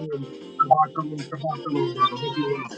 Shabbat shalom, Shabbat shalom, brother. Hope you well.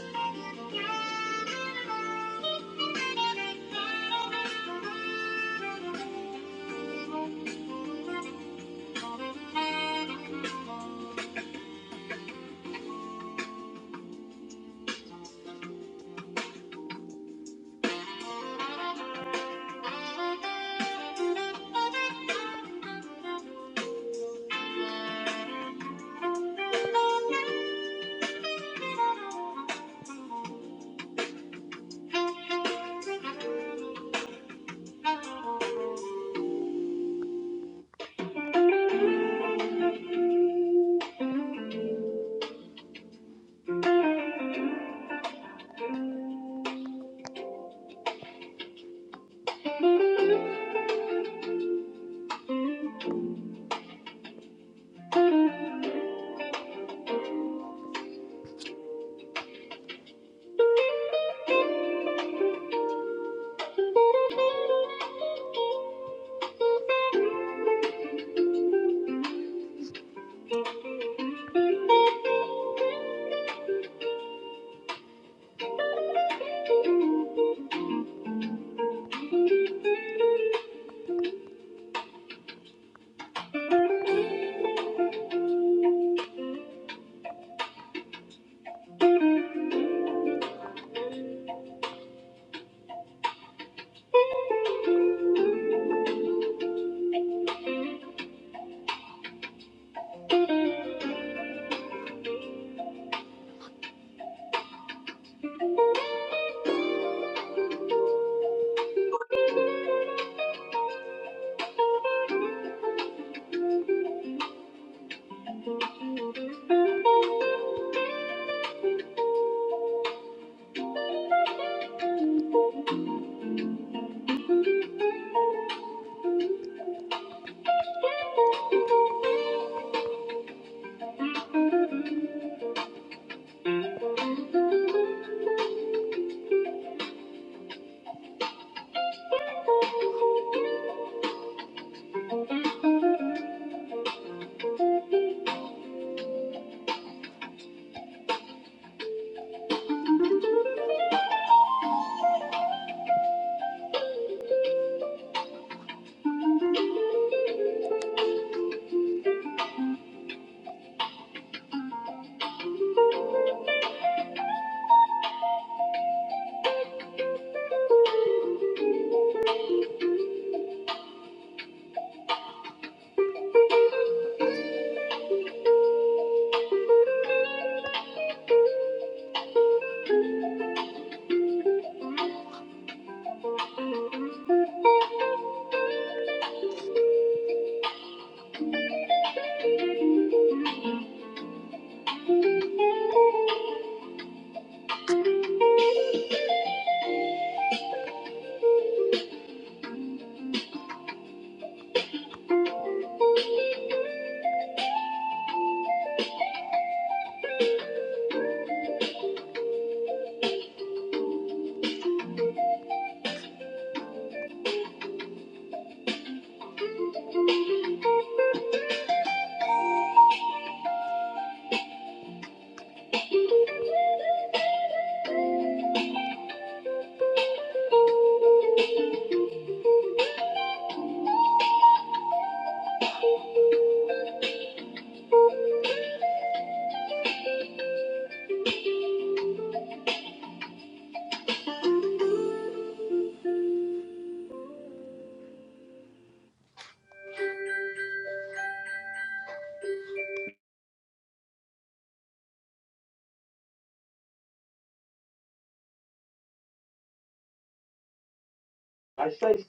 I say,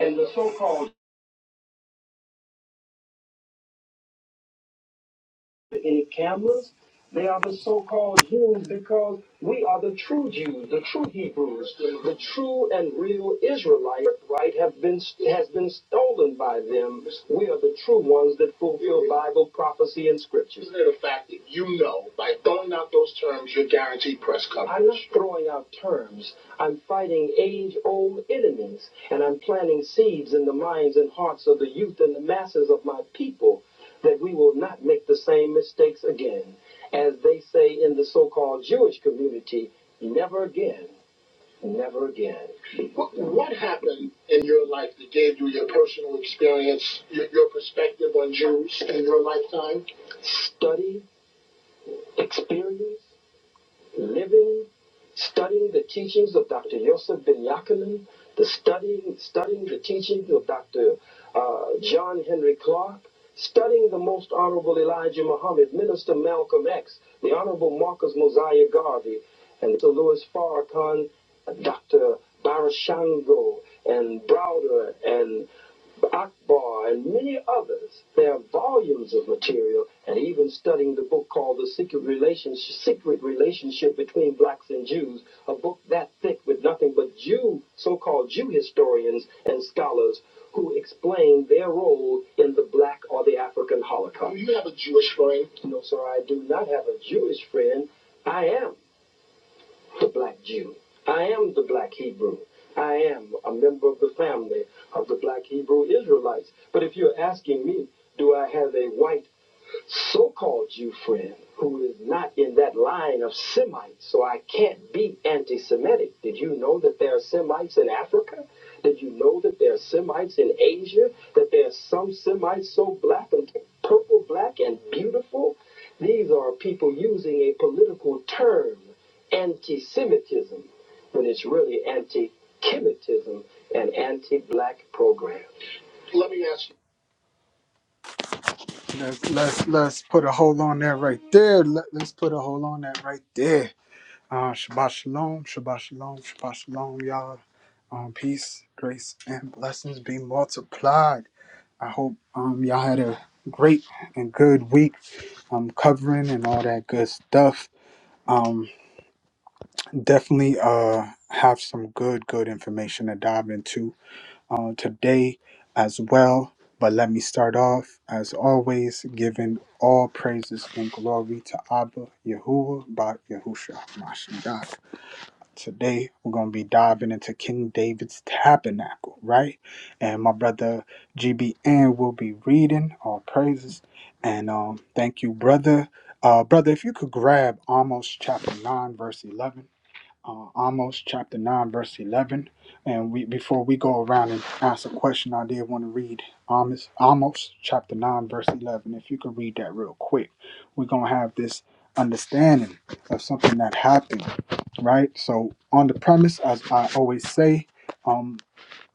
and the so-called any cameras. They are the so-called Jews because we are the true Jews, the true Hebrews, the true and real Israelites. Right have been has been stolen by them. We are the true ones that fulfill Bible prophecy and scripture. Isn't it a fact that you know by throwing out those terms, you're guaranteed press coverage? I'm not throwing out terms. I'm fighting age-old enemies, and I'm planting seeds in the minds and hearts of the youth and the masses of my people that we will not make the same mistakes again. As they say in the so called Jewish community, never again, never again. What, what happened in your life that gave you your personal experience, your, your perspective on Jews in your lifetime? Study, experience, living, studying the teachings of Dr. Yosef Ben Yaakman, the studying, studying the teachings of Dr. uh, John Henry Clark, studying the most honorable Elijah Muhammad, Minister Malcolm X, the honorable Marcus Mosiah Garvey, and Dr. Louis Farrakhan, Dr. Barashango, and Browder, and Akbar, and many others. There are volumes of material, and even studying the book called The Secret Relationship, Secret Relationship Between Blacks and Jews, a book that thick with nothing but Jew, so-called Jew historians and scholars who explain their role in the black or the African Holocaust. Do you have a Jewish friend? No, sir, I do not have a Jewish friend. I am the black Jew. I am the black Hebrew. I am a member of the family of the black Hebrew Israelites. But if you're asking me, do I have a white so-called Jew friend who is not in that line of Semites, so I can't be anti-Semitic. Did you know that there are Semites in Africa? Did you know that there are Semites in Asia? That there are some Semites so black and purple black and beautiful? These are people using a political term, anti-Semitism, when it's really anti-Kemitism and anti-black program. Let me ask you. Let's let's let's put a hole on that right there. Let, let's put a hole on that right there. Uh, Shabbat shalom, Shabbat shalom, Shabbat shalom, y'all. Um, peace, grace, and blessings be multiplied. I hope um y'all had a great and good week. Um, covering and all that good stuff. Um, definitely uh have some good good information to dive into uh, today as well. But let me start off, as always, giving all praises and glory to Abba Yahuwah Ba Yahusha Mashiach. Today, we're going to be diving into King David's tabernacle, right? And my brother GBN will be reading all praises. And um, thank you, brother. Uh, brother, if you could grab Amos chapter 9, verse 11 uh, Amos chapter 9, verse 11. And we before we go around and ask a question, I did want to read Amos, Amos chapter 9, verse 11. If you could read that real quick, we're going to have this understanding of something that happened, right? So, on the premise, as I always say, um.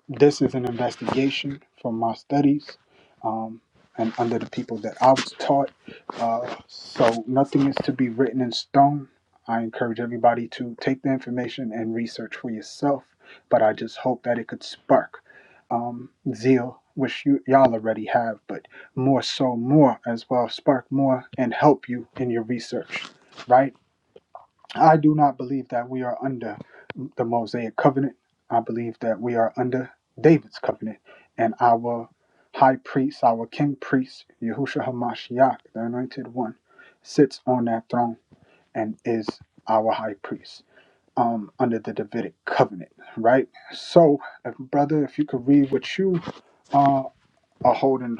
This is an investigation from my studies um, and under the people that I was taught. Uh, so nothing is to be written in stone. I encourage everybody to take the information and research for yourself, but I just hope that it could spark um, zeal, which you, y'all already have, but more so, more as well, spark more and help you in your research, right? I do not believe that we are under the Mosaic covenant. I believe that we are under David's covenant and our high priest, our king priest, Yahushua HaMashiach, the anointed one, sits on that throne and is our high priest um, under the Davidic covenant, right? So, if, brother, if you could read what you uh, are holding,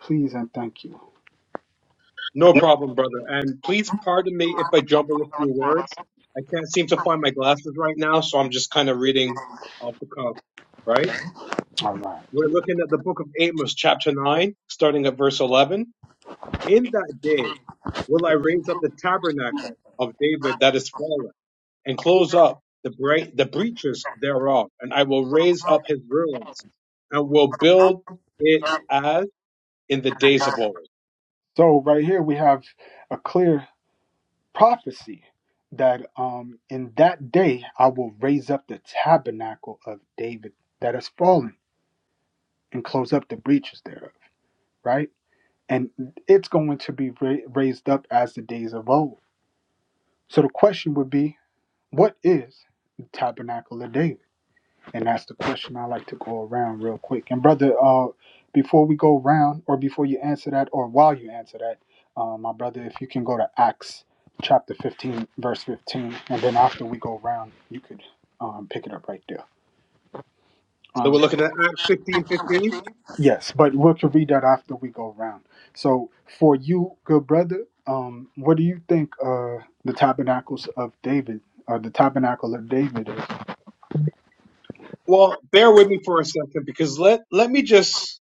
please and thank you. No problem, brother. And please pardon me if I jumble a few words. I can't seem to find my glasses right now, so I'm just kind of reading off the cuff, right? All right. We're looking at the book of Amos, chapter 9, starting at verse 11. In that day will I raise up the tabernacle of David that is fallen, and close up the, bre- the breaches thereof, and I will raise up his ruins, and will build it as in the days of old So, right here we have a clear prophecy that um, in that day I will raise up the tabernacle of David that has fallen and close up the breaches thereof, right? And it's going to be ra- raised up as the days of old. So the question would be, what is the tabernacle of David? And that's the question I like to go around real quick. And brother, uh, before we go around, or before you answer that, or while you answer that, uh, my brother, if you can go to Acts chapter 15, verse 15, and then after we go around, you could um, pick it up right there. So Um, we're looking at Acts 15 15. yes, but we can read that after we go around. So for you, good brother, um, what do you think uh, the tabernacles of David, or the tabernacle of David Well, bear with me for a second because let, let me just,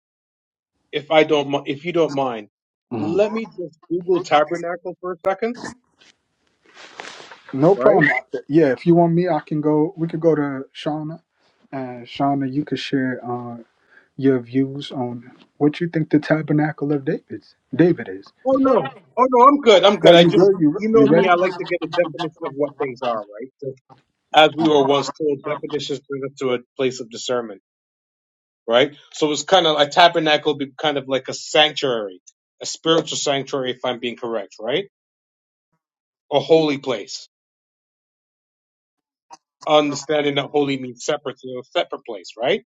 if I don't, mi- if you don't mind, is? let me just Google tabernacle for a second, No right? problem. Yeah, if you want me, I can go. We could go to Shauna, and Shauna, you could share uh, your views on what you think the Tabernacle of David's David is. Oh no. Oh no, I'm good. I'm good. Are I you just, good? You you know you me, ready? I like to get a definition of what things are, right? So as we were once told, definitions bring us to a place of discernment, right? So it's kind of a tabernacle, be kind of like a sanctuary, a spiritual sanctuary, if I'm being correct, right? A holy place understanding that holy means separate to a separate place, right?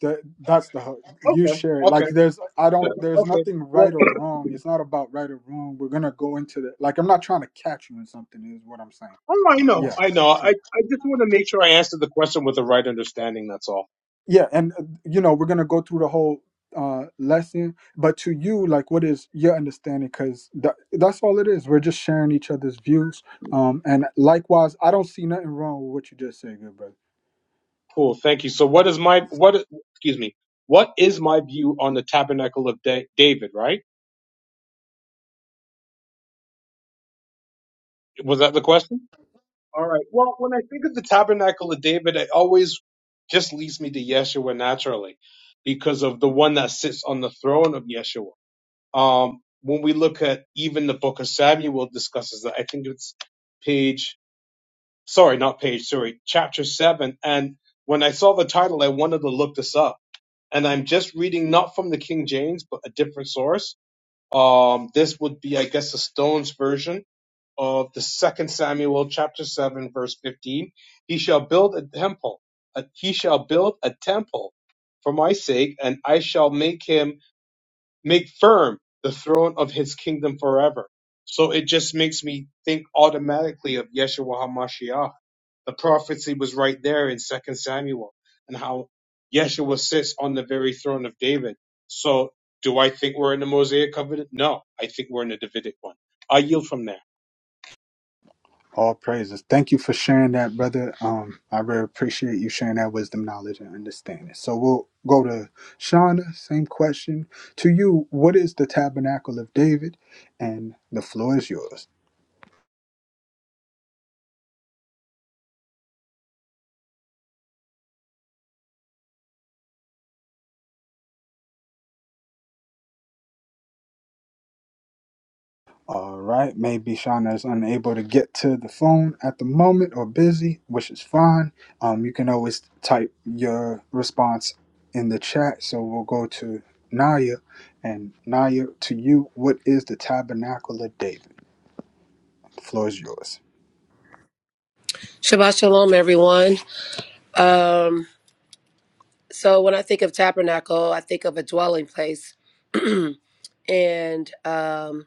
That that's the hook. You Okay, share it. okay, Like there's I don't there's okay. nothing Well, right or wrong. It's not about right or wrong. We're gonna go into the like I'm not trying to catch you in something. Is what I'm saying. oh, I know, I know. I, I just want to make sure I answered the question with the right understanding. That's all. Yeah, and uh, you know we're gonna go through the whole uh lesson, but to you, like, what is your understanding? Because that, that's all it is. We're just sharing each other's views. Um, and likewise, I don't see nothing wrong with what you just said, good brother. Cool, thank you. So, what is my what? is- Excuse me. What is my view on the tabernacle of da- David? Right? Was that the question? All right. Well, when I think of the tabernacle of David, it always just leads me to Yeshua naturally, because of the one that sits on the throne of Yeshua. um, when we look at even the book of Samuel discusses that. I think it's page, sorry, not page, sorry, chapter seven. And when I saw the title, I wanted to look this up. And I'm just reading not from the King James, but a different source. Um, this would be, I guess, the Stones version of the second Samuel chapter seven, verse 15. He shall build a temple. uh, he shall build a temple for my sake, and I shall make him make firm the throne of his kingdom forever. So it just makes me think automatically of Yeshua HaMashiach. The prophecy was right there in Second Samuel and how Yeshua sits on the very throne of David. So do I think we're in the Mosaic covenant? No, I think we're in the Davidic one. I yield from there. All praises. Thank you for sharing that, brother. Um, I really appreciate you sharing that wisdom, knowledge, and understanding. So we'll go to Shauna. Same question to you. What is the tabernacle of David? And the floor is yours. All right, maybe Shauna is unable to get to the phone at the moment or busy, which is fine. Um, you can always type your response in the chat. So we'll go to Naya. And Naya, to you, what is the tabernacle of David? The floor is yours. Shabbat shalom, everyone. Um, so when I think of tabernacle, I think of a dwelling place, and um,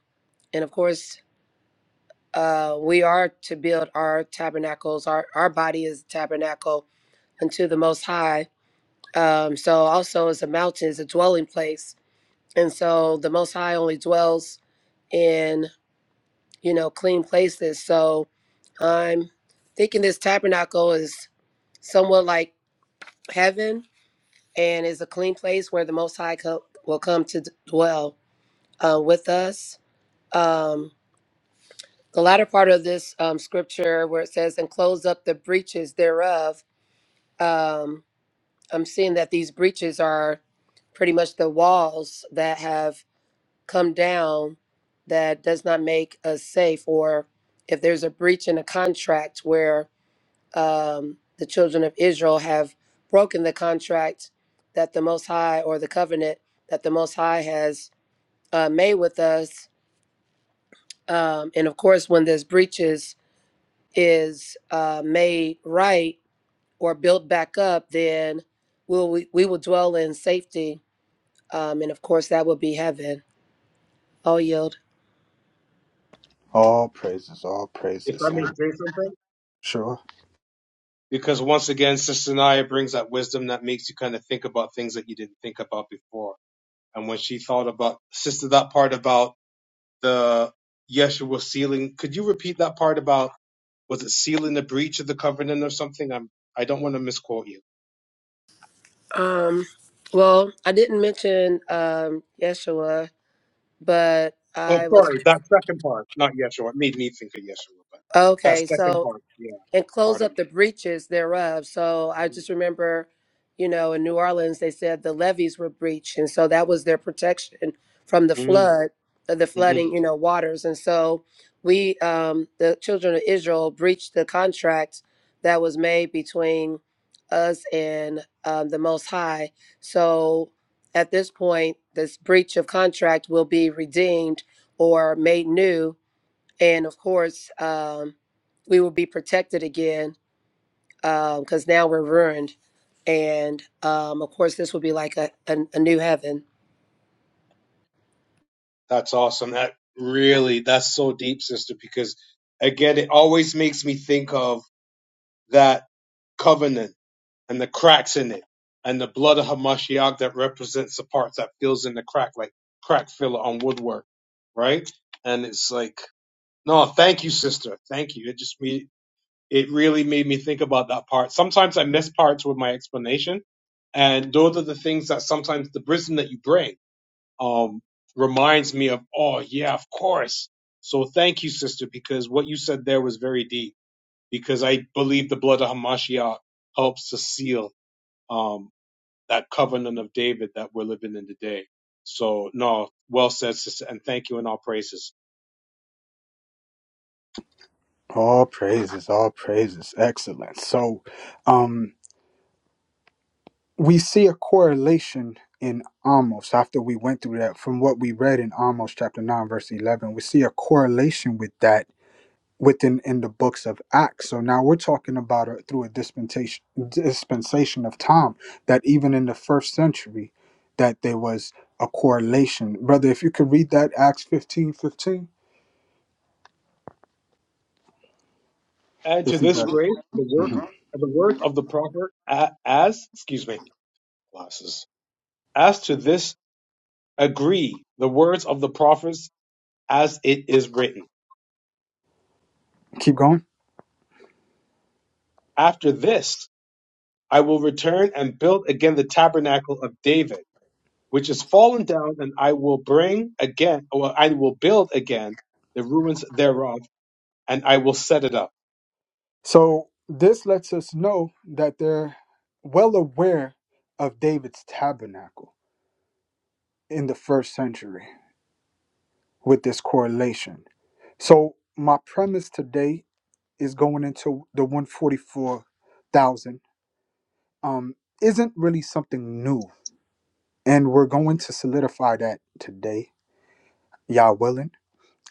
and of course, uh, we are to build our tabernacles. Our our body is a tabernacle unto the Most High. Um, so also as a mountain is a dwelling place, and so the Most High only dwells in you know clean places. So I'm thinking this tabernacle is somewhat like heaven and is a clean place where the Most High co- will come to d- dwell uh, with us. Um, the latter part of this um, scripture, where it says, and close up the breaches thereof, um, I'm seeing that these breaches are pretty much the walls that have come down that does not make us safe, or if there's a breach in a contract where um, the children of Israel have broken the contract that the Most High or the covenant that the Most High has uh, made with us. Um, and of course, when this breaches is uh, made right or built back up, then we'll, we, we will dwell in safety. Um, and of course, that will be heaven. I'll yield. All praises, all If praises. I may And say something? sure, Because once again, Sister Naya brings that wisdom that makes you kind of think about things that you didn't think about before. And when she thought about, sister, that part about the Yeshua sealing. Could you repeat that part about was it sealing the breach of the covenant or something? I'm I don't want to misquote you. Um, well, I didn't mention um, Yeshua, but Oh, I was sorry, that second part, not Yeshua. It made me think of Yeshua, but that okay. second So part, yeah, and close pardon up the breaches thereof. So I me. just remember, you know, in New Orleans, they said the levees were breached. And so that was their protection from the Mm-hmm. Mm-hmm. flood, uh, the mm-hmm. flooding, you know, waters. And so we, um, the children of Israel, breached the contract that was made between us and um, the Most High. So at this point, this breach of contract will be redeemed or made new and of course um, we will be protected again because now we're ruined and um, of course this will be like a, a, a new heaven That's awesome. That really, that's so deep, sister. Because again, it always makes me think of that covenant and the cracks in it, and the blood of Hamashiach that represents the parts that fills in the crack, like crack filler on woodwork, right? And it's like, no, thank you, sister, thank you. It just me, it really made me think about that part. Sometimes I miss parts with my explanation, and those are the things that sometimes the wisdom that you bring um reminds me of. Oh yeah, of course. So thank you, sister, because what you said there was very deep. Because I believe the blood of Hamashiach helps to seal. Um, that covenant of David that we're living in today. So no, well said, sister, and thank you in all praises. all praises, all praises. Excellent. So, um, we see a correlation in Amos after we went through that from what we read in Amos chapter 9 verse 11 we see a correlation with that within in the books of Acts so now we're talking about a, through a dispensation dispensation of time that even in the first century that there was a correlation brother if you could read that Acts fifteen fifteen, And to if you this got it grace, the work, Mhm. the work of the prophet, a- as excuse me, glasses. As to this, agree the words of the prophets as it is written. keep going After this, I will return and build again the tabernacle of David, which is fallen down, and I will bring again, or I will build again the ruins thereof, and I will set it up so this lets us know that they're well aware of David's tabernacle in the first century with this correlation. So my premise today is going into the 144,000 um isn't really something new and we're going to solidify that today, y'all willing,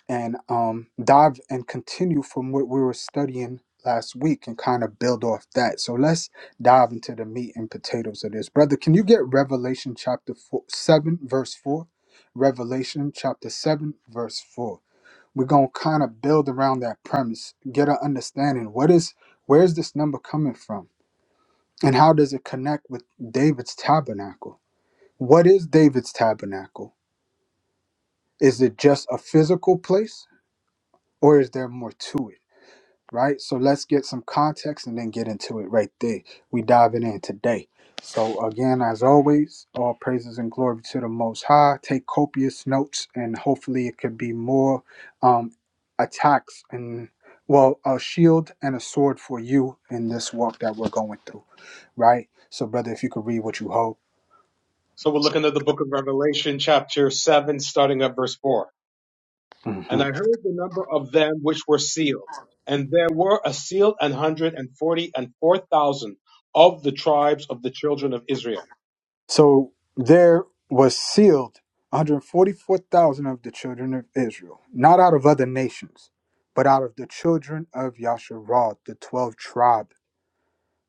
and um dive and continue from what we were studying last week and kind of build off that. So let's dive into the meat and potatoes of this. Brother, can you get Revelation chapter four, 7 verse 4? Revelation chapter 7 verse 4. we're gonna kind of build around that premise, get an understanding. What is where's this number coming from, and how does it connect with David's tabernacle? What is David's tabernacle? Is it just a physical place, or is there more to it? right? So let's get some context and then get into it right there. We diving in today. So again, as always, all praises and glory to the Most High. Take copious notes, and hopefully it could be more um, attacks and well, a shield and a sword for you in this walk that we're going through, right? So, brother, if you could read what you hold. So we're looking at the book of Revelation, chapter 7, starting at verse 4. hmm And I heard the number of them which were sealed. And there were a sealed an hundred and forty and four thousand of the tribes of the children of Israel. So there was sealed 144,000 of the children of Israel, not out of other nations, but out of the children of Yasharal, the 12 tribe,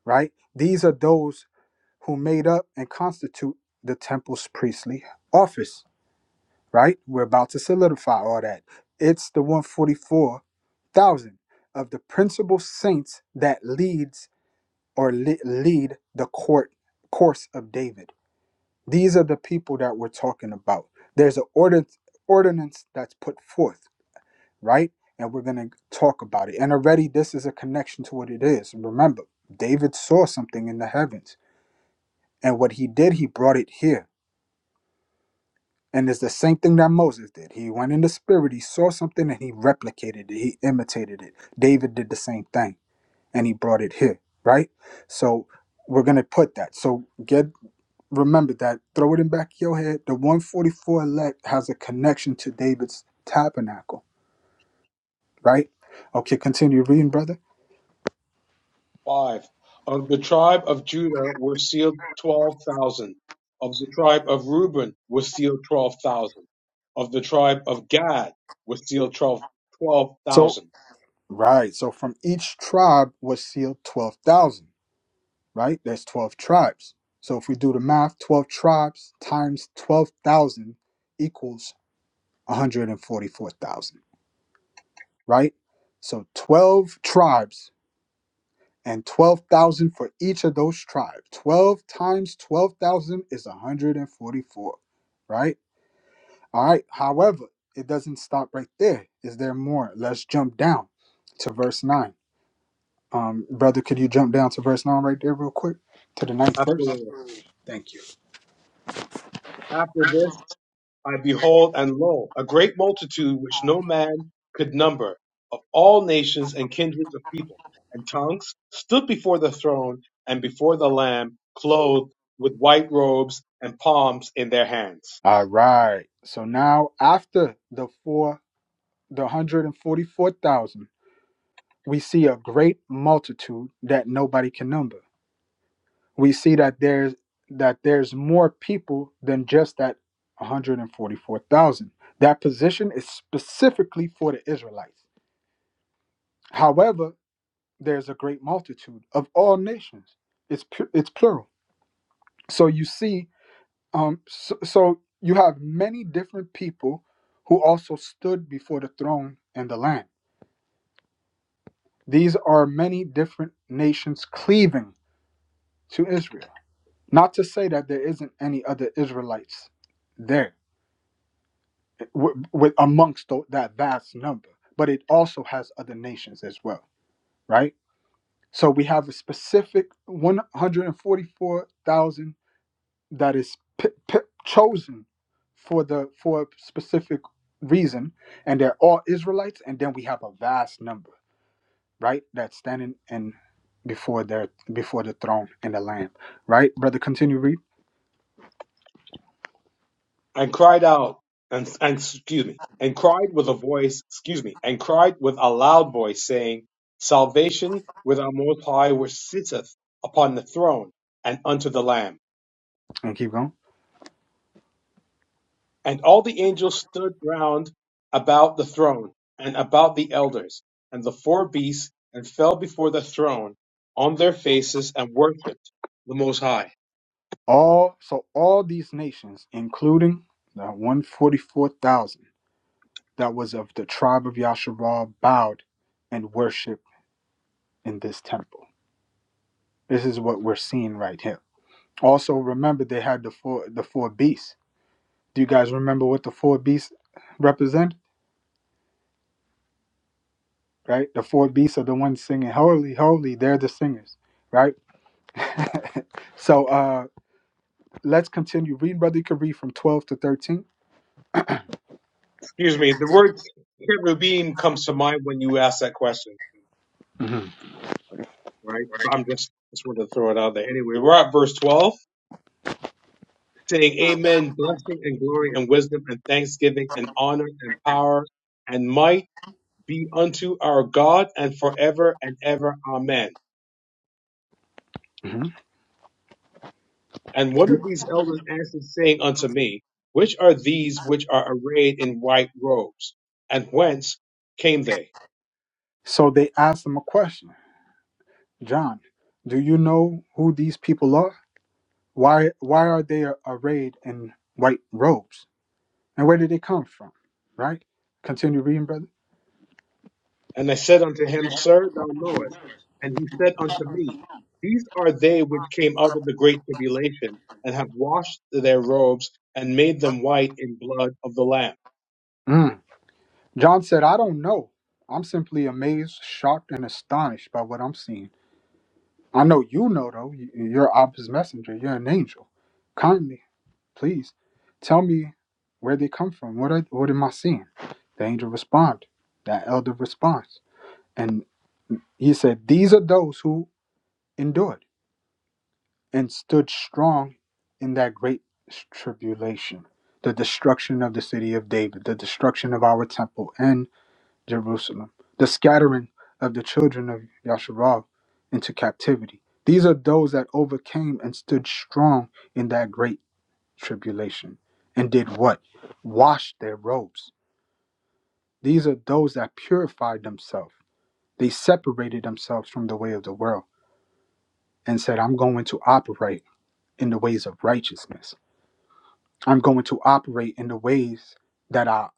right? These are those who made up and constitute the temple's priestly office, right? We're about to solidify all that. It's the 144,000 of the principal saints that leads or li- lead the court course of David these are the people that we're talking about. There's an ordinance, ordinance that's put forth, right? And we're going to talk about it. And already, this is a connection to what it is. Remember, David saw something in the heavens, and what he did, he brought it here. And it's the same thing that Moses did. He went in the spirit, he saw something, and he replicated it, he imitated it. David did the same thing, and he brought it here, right? So, we're going to put that. So, get remember that. Throw it in back of your head. The 144 elect has a connection to David's tabernacle, right? Okay, continue reading, brother. Five. Of the tribe of Judah were sealed twelve thousand. Of the tribe of Reuben were sealed twelve thousand. Of the tribe of Gad were sealed twelve So, thousand. right. So, from each tribe was sealed 12,000, right? There's 12 tribes. So, if we do the math, 12 tribes times 12,000 equals 144,000, right? So, 12 tribes and 12,000 for each of those tribes. 12 times 12,000 is 144, right? All right. However, it doesn't stop right there. Is there more? Let's jump down to verse 9. Um, brother, could you jump down to verse 9 right there, real quick, to the ninth verse? Absolutely. Absolutely. Thank you. After this I behold, and lo, a great multitude which no man could number, of all nations and kindreds of people and tongues, stood before the throne and before the Lamb, clothed with white robes and palms in their hands, All right. So now, after the four, the 144,000, we see a great multitude that nobody can number we see that there's that there's more people than just that 144,000. That position is specifically for the Israelites. However, there's a great multitude of all nations. It's pu- it's plural. So you see, um, so, so you have many different people who also stood before the throne and the Lamb. These are many different nations cleaving to Israel. Not to say that there isn't any other Israelites there w- with amongst tho- that vast number, but it also has other nations as well, right? So we have a specific 144,000 that is p- p- chosen for the for a specific reason, and they're all Israelites, and then we have a vast number, right? That's standing in before their before the throne and the Lamb, right? Brother, continue read and cried out, and, and excuse me, and cried with a voice, excuse me, and cried with a loud voice, saying, Salvation with our Most High, which sitteth upon the throne, and unto the Lamb. and keep going. And all the angels stood round about the throne and about the elders and the four beasts and fell before the throne on their faces and worshiped the Most High. All so all these nations, including the 144,000 that was of the tribe of Yasharal bowed and worshiped in this temple. This is what we're seeing right here. Also, remember they had the four the four beasts. Do you guys remember what the four beasts represent? Right, the four beasts are the ones singing holy, holy. They're the singers, right? So uh, let's continue. Read, brother. You can read from twelve to 13 Excuse me, the word cherubim comes to mind when you ask that question, right? But I'm just, just wanted to throw it out there. Anyway, we're at verse 12 saying, Amen, blessing and glory and wisdom and thanksgiving and honor and power and might be unto our God and forever and ever. Amen. Mhm. And one of these elders answered, saying unto me, Which are these which are arrayed in white robes? And whence came they? So they asked him a question, John. Do you know who these people are? Why why are they arrayed in white robes? And where did it come from? Right? Continue reading, brother. And I said unto him, Sir, thou knowest. And he said unto me, These are they which came out of the great tribulation, and have washed their robes, and made them white in blood of the Lamb. Mm. John said, I don't know. I'm simply amazed, shocked, and astonished by what I'm seeing. I know you know, though. You- You're Abba's messenger. You're an angel. Kindly, please, tell me where they come from. What, are, what am I seeing? The angel responded. That elder response. And he said, These are those who endured. and stood strong in that great tribulation, the destruction of the city of David, the destruction of our temple and Jerusalem, the scattering of the children of Yasharal into captivity. These are those that overcame and stood strong in that great tribulation and did what? Washed their robes. These are those that purified themselves. They separated themselves from the way of the world and said, I'm going to operate in the ways of righteousness. I'm going to operate in the ways that our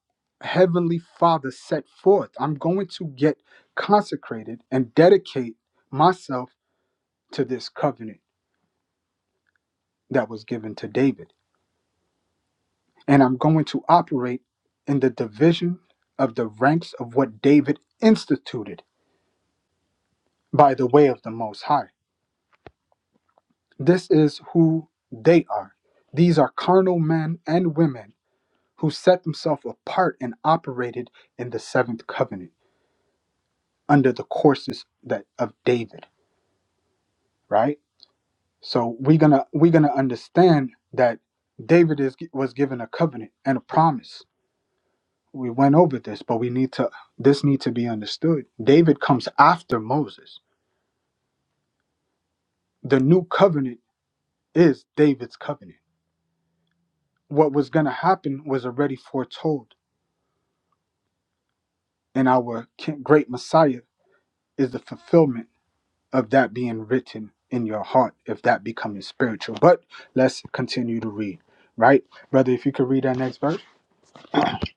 Heavenly Father set forth. I'm going to get consecrated and dedicate myself to this covenant that was given to David. And I'm going to operate in the division of the ranks of what David instituted by the way of the Most High. This is who they are. These are carnal men and women who set themselves apart and operated in the seventh covenant. under the courses that of David, right? So we're gonna we're gonna understand that David is was given a covenant and a promise. We went over this, but we need to this need to be understood. David comes after Moses. The new covenant is David's covenant. What was gonna happen was already foretold, and our ki- great Messiah is the fulfillment of that being written in your heart if that becomes spiritual. But let's continue to read, right? Brother, if you could read that next verse.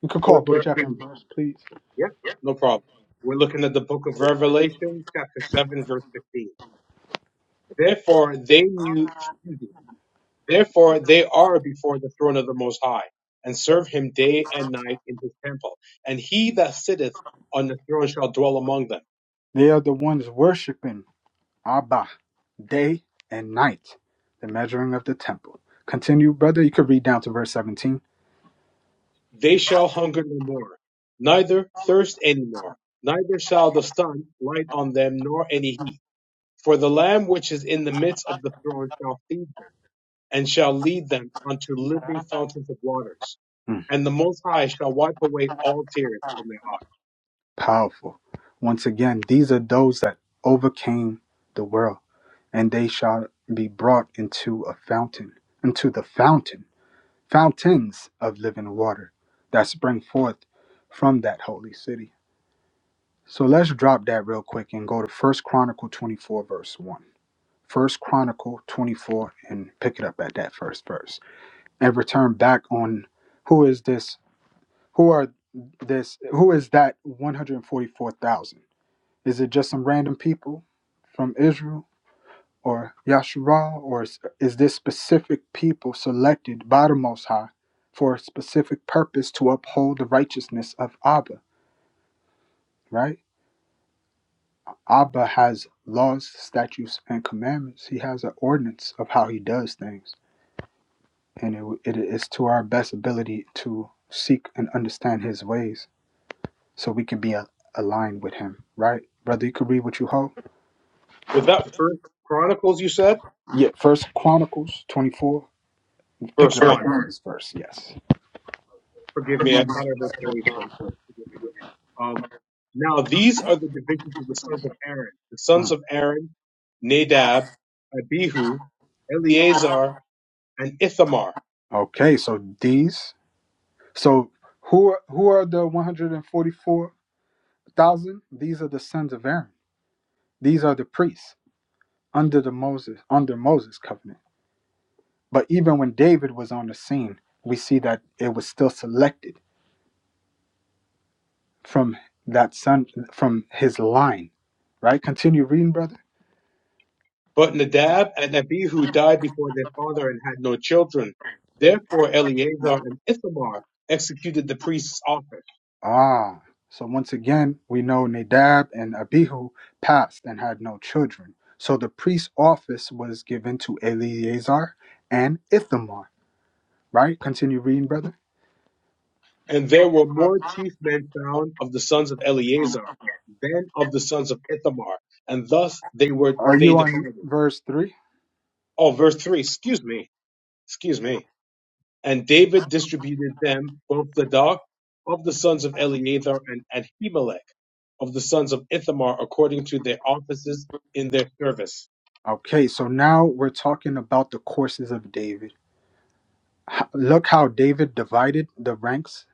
You could call Verse book chapter and 15. verse, please. Yep, no problem. We're looking at the book of Revelation, chapter 7, verse 15. Therefore they knew, excuse me, Therefore, they are before the throne of the Most High, and serve him day and night in his temple. And he that sitteth on the throne shall dwell among them. They are the ones worshiping Abba day and night, the measuring of the temple. Continue, brother. You could read down to verse 17. They shall hunger no more, neither thirst any more, neither shall the sun light on them, nor any heat. For the Lamb which is in the midst of the throne shall feed them, and shall lead them unto living fountains of waters Mm, and the Most High shall wipe away all tears from their eyes. powerful. Once again, these are those that overcame the world, and they shall be brought into a fountain, into the fountain fountains of living water that spring forth from that holy city. So let's drop that real quick and go to First Chronicle 24 verse 1. First Chronicle 24 and pick it up at that first verse. And return back on who is this who are this who is that 144,000? Is it just some random people from Israel? or Yasharal, or is, is this specific people selected by the Most High for a specific purpose to uphold the righteousness of Abba, right? Abba has laws, statutes, and commandments. He has an ordinance of how he does things, and it, it is to our best ability to seek and understand his ways so we can be a, aligned with him, right? Brother, you could read what you hold. Was that First Chronicles you said? Yeah, First Chronicles 24. Pick Verse it up 1. at this verse, yes. Forgive me, I thought I read 34. Forgive me. Um, now these are the divisions of the sons of Aaron. The sons Mm. of Aaron, Nadab, Abihu, Eleazar, and Ithamar. Okay, so these So who are- who are the 144,000? These are the sons of Aaron. These are the priests under the Moses under Moses covenant. But even when David was on the scene, we see that it was still selected from that son from his line. Right? Continue reading, brother. But Nadab and Abihu died before their father and had no children. Therefore Eleazar and Ithamar executed the priest's office. Ah. So once again, we know Nadab and Abihu passed and had no children. So the priest's office was given to Eleazar and Ithamar. Right? Continue reading, brother. And there were more chief men found of the sons of Eleazar than of the sons of Ithamar. And thus they were, Are they you on divided. verse 3? Oh, verse three, excuse me. excuse me. And David distributed them both the Zadok of the sons of Eleazar and Ahimelech of the sons of Ithamar according to their offices in their service. Okay, so now we're talking about the courses of David. H- Look how David divided the ranks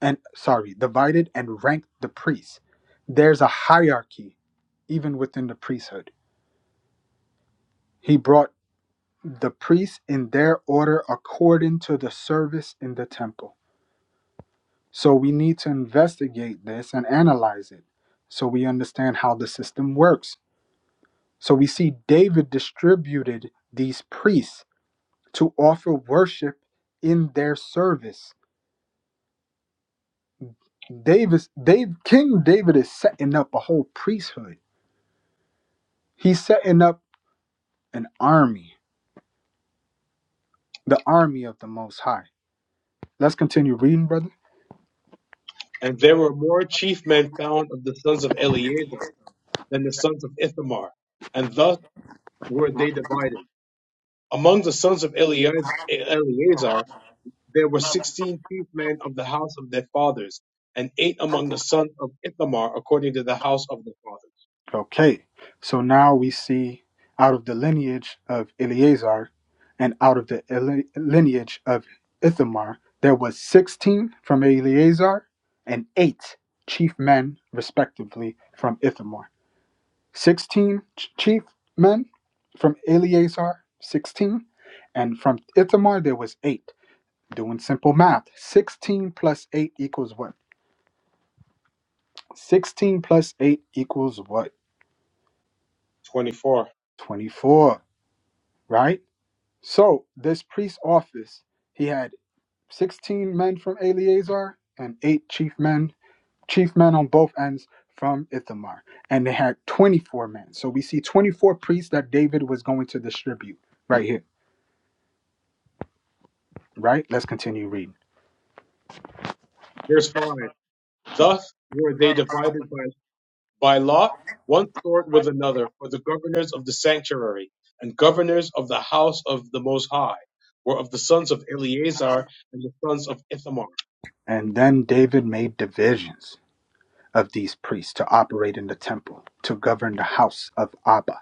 and sorry, divided and ranked the priests. There's a hierarchy even within the priesthood. He brought the priests in their order according to the service in the temple. So we need to investigate this and analyze it so we understand how the system works. So we see David distributed these priests to offer worship in their service. Davis, Dave, King David is setting up a whole priesthood. He's setting up an army, the army of the Most High. Let's continue reading, brother. And there were more chief men found of the sons of Eleazar than the sons of Ithamar, and thus were they divided. Among the sons of Eleaz- Eleazar there were sixteen chief men of the house of their fathers, and eight among the sons of Ithamar according to the house of their fathers. Okay, so now we see out of the lineage of Eleazar and out of the ele- lineage of Ithamar, there was 16 from Eleazar and eight chief men, respectively, from Ithamar. Sixteen chief men from Eleazar, sixteen, and from Ithamar there was eight. Doing simple math, sixteen plus eight equals what? Sixteen plus eight equals what? Twenty-four. Twenty-four, right? So this priest office, he had sixteen men from Eleazar and eight chief men, chief men on both ends from Ithamar, and they had twenty-four men. So we see twenty-four priests that David was going to distribute right here, right? Let's continue reading. Verse 5 Thus were they divided by, by lot, one sort with another, for the governors of the sanctuary and governors of the house of the Most High were of the sons of Eleazar and the sons of Ithamar. And then David made divisions of these priests to operate in the temple, to govern the house of Abba.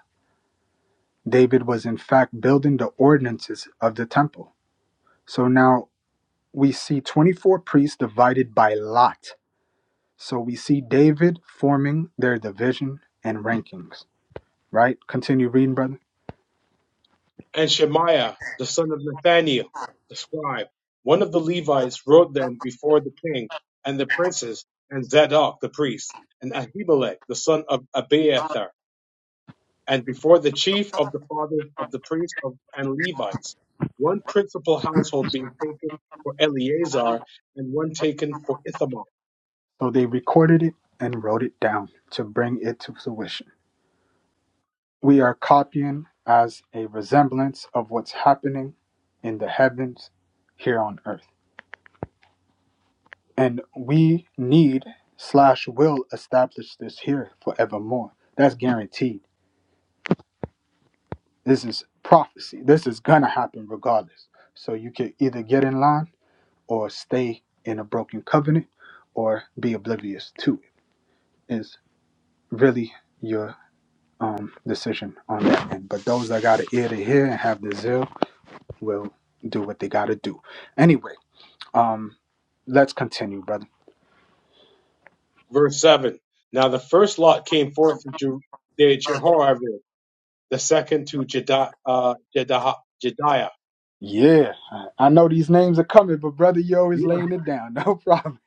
David was in fact building the ordinances of the temple. So now we see 24 priests divided by lot. So we see David forming their division and rankings, right? Continue reading, brother. And Shemaiah, the son of Nathaniel, the scribe, one of the Levites, wrote them before the king and the princes, and Zadok the priest, and Ahimelech, the son of Abiathar and before the chief of the fathers of the priests of, and Levites, one principal household being taken for Eleazar and one taken for Ithamar. So they recorded it and wrote it down to bring it to fruition. We are copying as a resemblance of what's happening in the heavens here on earth. And we need slash will establish this here forevermore. That's guaranteed. This is prophecy. This is gonna happen regardless. So you can either get in line or stay in a broken covenant or be oblivious to it is really your um, decision on that end. But those that got an ear to hear and have the zeal will do what they gotta do. Anyway, um, let's continue, brother. Verse 7. Now the first lot came forth to Ju- to Jehoiarib, the second to Jedi, uh, Jedah, Jediah. Yeah, I I know these names are coming, but brother, you always Yeah, laying it down. No problem.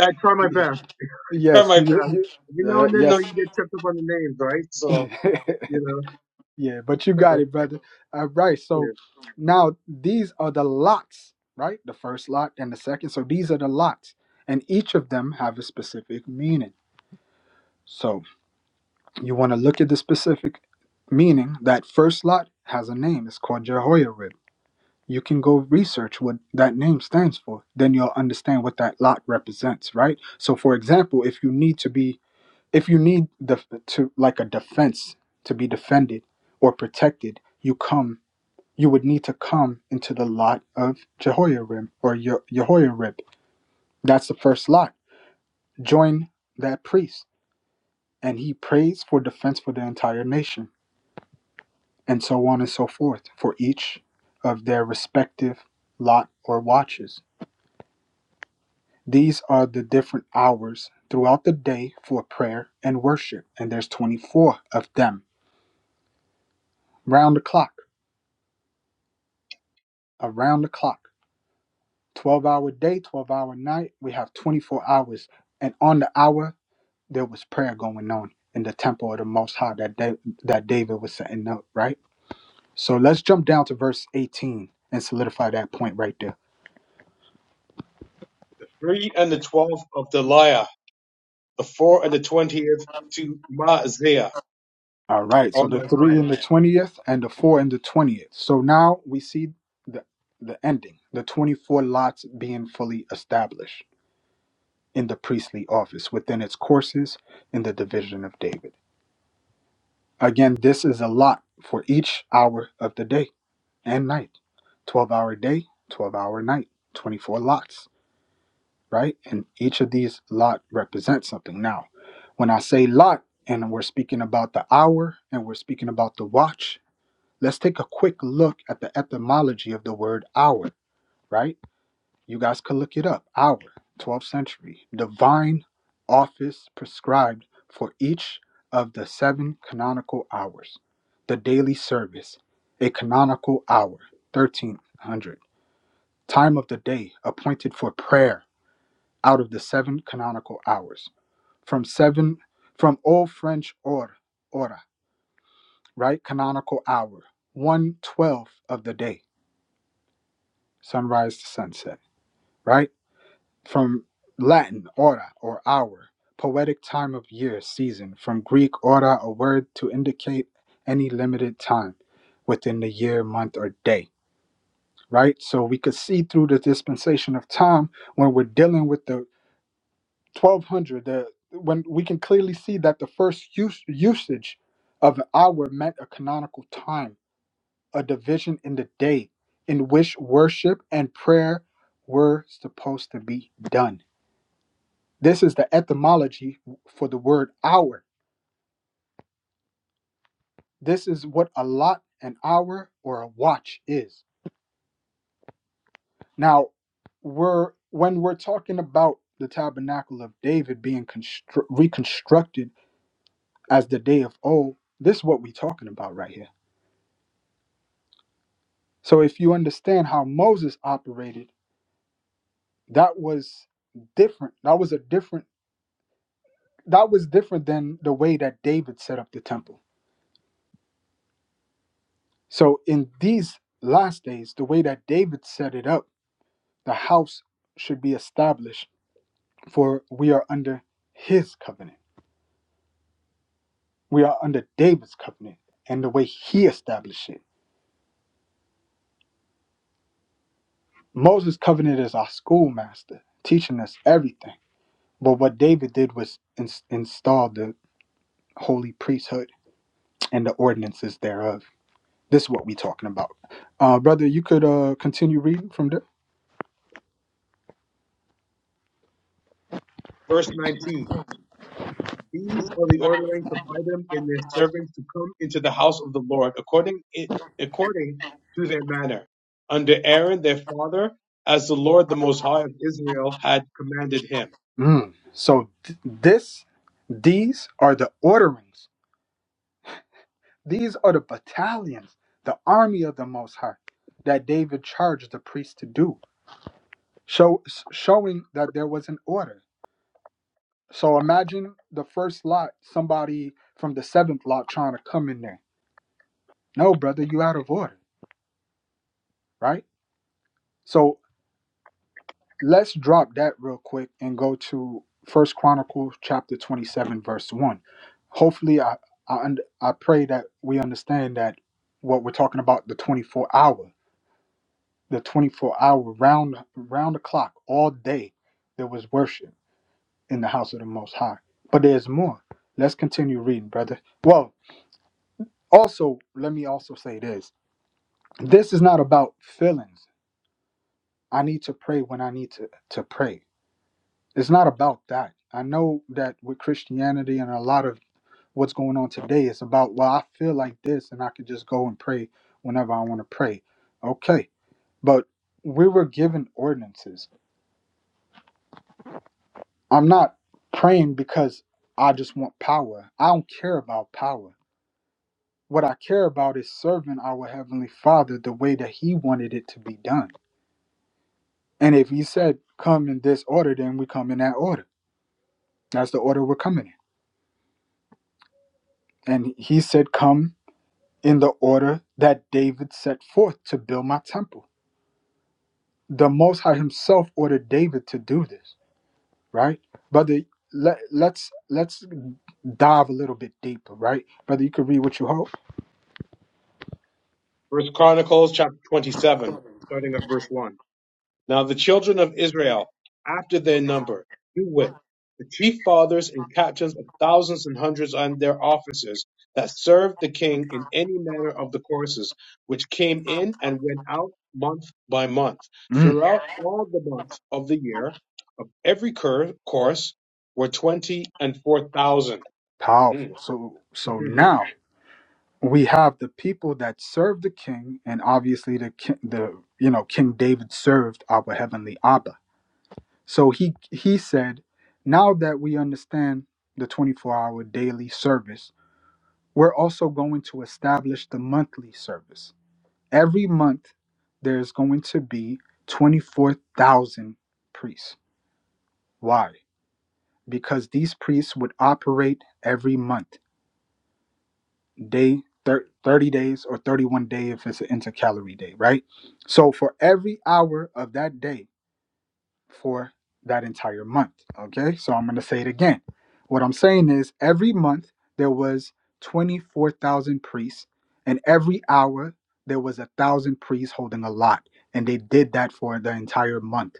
I, I try my best. Try yes, my you. best. you Every now uh, and then, though, yes. you get tripped up on the names, right? So, you yeah, but you know, got it, brother. All right. So yeah. now these are the lots, right? The first lot and the second. So these are the lots, and each of them have a specific meaning. So you want to look at the specific meaning. That first lot has a name. It's called Jehoiarib. you can go research what that name stands for then you'll understand what that lot represents right so for example if you need to be if you need the to like a defense to be defended or protected you come you would need to come into the lot of jehoiarim or Yo- jehoiarib that's the first lot join that priest and he prays for defense for the entire nation and so on and so forth for each of their respective lot or watches These are the different hours throughout the day for prayer and worship, and there's 24 of them. Round the clock, around the clock. 12 hour day, 12 hour night, we have 24 hours. And on the hour, there was prayer going on in the temple of the Most High that, da- that David was setting up, right? So let's jump down to verse 18 and solidify that point right there. three and the twelfth of Deliah. the fourth and the twentieth to Maaziah All right. or So the three Maaziah, in the twentieth and the four in the twentieth. So now we see the the ending, the twenty-four lots being fully established in the priestly office within its courses in the division of David. Again, this is a lot for each hour of the day and night. Twelve hour day, twelve hour night, twenty-four lots, right? And each of these lot represents something. Now, when I say lot and we're speaking about the hour and we're speaking about the watch Let's take a quick look at the etymology of the word hour, right? You guys can look it up. Hour, 12th century. Divine office prescribed for each of the seven canonical hours. The daily service, a canonical hour, 1300. Time of the day appointed for prayer out of the seven canonical hours. From seven, from Old French or, hora, right? Canonical hour, one twelfth of the day sunrise to sunset, right? From Latin, hora, or hour, poetic time of year, season. From Greek, hora, a word to indicate any limited time within the year, month, or day, right? So we could see through the dispensation of time when we're dealing with the 1200, the when we can clearly see that the first use, usage of an hour meant a canonical time a division in the day in which worship and prayer were supposed to be done. This is the etymology for the word hour. This is what a lot, an hour, or a watch is. Now, we're when we're talking about the tabernacle of David being constru- reconstructed as the day of old, this is what we're talking about right here. So if you understand how Moses operated, that was different. That was a different that was different than the way that David set up the temple. So in these last days, the way that David set it up, the house should be established for we are under his covenant. We are under David's covenant and the way he established it. Moses' covenant is our schoolmaster, teaching us everything. But what David did was ins- install the holy priesthood and the ordinances thereof. This is what we're talking about. Uh, brother, you could uh, continue reading from there. Verse 19. These are the orderings of Item and their servants to come into the house of the Lord according it, according to their manner, under Aaron their father, as the Lord the Most High of Israel had commanded him. Mm. So th- this, these are the orderings. These are the battalions, the army of the Most High, that David charged the priest to do, show, s- showing that there was an order. So imagine the first lot, somebody from the seventh lot trying to come in there. No, brother, you out of order, right? So let's drop that real quick and go to first chronicles chapter 27 verse 1 hopefully i i, und- I pray that we understand that what we're talking about the 24 hour the 24 hour round round the clock all day there was worship in the house of the most high but there's more let's continue reading brother well also let me also say this this is not about feelings i need to pray when i need to to pray It's not about that. I know that with Christianity and a lot of what's going on today, it's about, well, I feel like this and I could just go and pray whenever I want to pray. Okay. But we were given ordinances. I'm not praying because I just want power. I don't care about power. What I care about is serving our Heavenly Father the way that He wanted it to be done. And if He said, come in this order, then we come in that order. That's the order we're coming in. And He said, come in the order that David set forth to build my temple. The Most High Himself ordered David to do this, right, brother? Let, let's let's dive a little bit deeper, right, brother? You can read what you hold. First Chronicles chapter 27, starting at verse 1. Now the children of Israel, after their number, do wit, the chief fathers and captains of thousands and hundreds and their officers that served the king in any manner of the courses which came in and went out month by month, Mm, throughout all the months of the year, of every cur- course were twenty and four thousand. Mm. powerful. So so now we have the people that serve the king, and obviously the ki- the you know King David served our heavenly Abba. So he he said, now that we understand the twenty four hour daily service We're also going to establish the monthly service. Every month, there's going to be 24,000 priests. Why? Because these priests would operate every month, day thir- 30 days or 31 day if it's an intercalary day, right? So for every hour of that day, for that entire month. Okay, so I'm going to say it again. What I'm saying is every month there was 24,000 priests, and every hour there was a thousand priests holding a lot, and they did that for the entire month,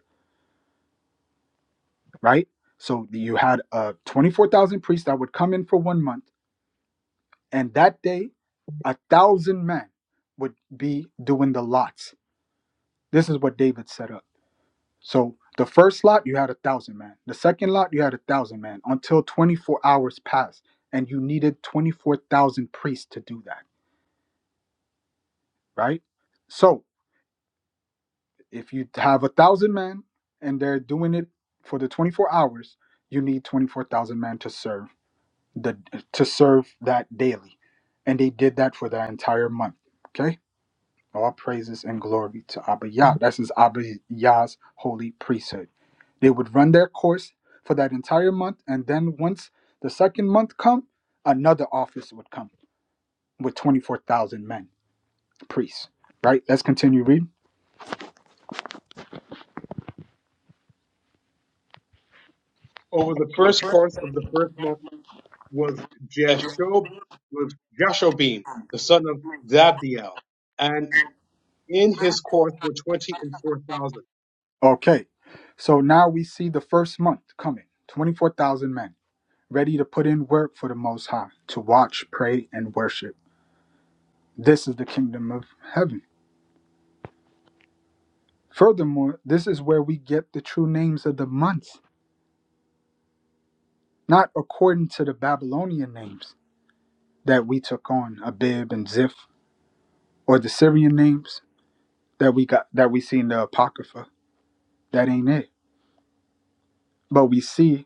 right? So you had uh, 24,000 priests that would come in for one month, and that day a thousand men would be doing the lots. This is what David set up. So the first lot you had a thousand man. The second lot you had a thousand man until 24 hours passed, and you needed 24,000 priests to do that, right? So if you have a thousand men and they're doing it for the 24 hours, you need 24,000 men to serve the to serve that daily, and they did that for that entire month. Okay All praises and glory to Abba Yah. That's his Abba Yah's holy priesthood. They would run their course for that entire month, and then once the second month come, another office would come with twenty four thousand men, priests. Right? Let's continue reading. Over the first course of the first month. was Jashob was Jashobim, the son of Zabdiel, and in his course were twenty and four thousand. Okay, so now we see the first month coming, twenty four thousand men ready to put in work for the Most High, to watch, pray, and worship. This is the kingdom of heaven. Furthermore, this is where we get the true names of the months not according to the Babylonian names that we took on, Abib and Ziph, or the Syrian names that we got that we see in the Apocrypha. That ain't it. But we see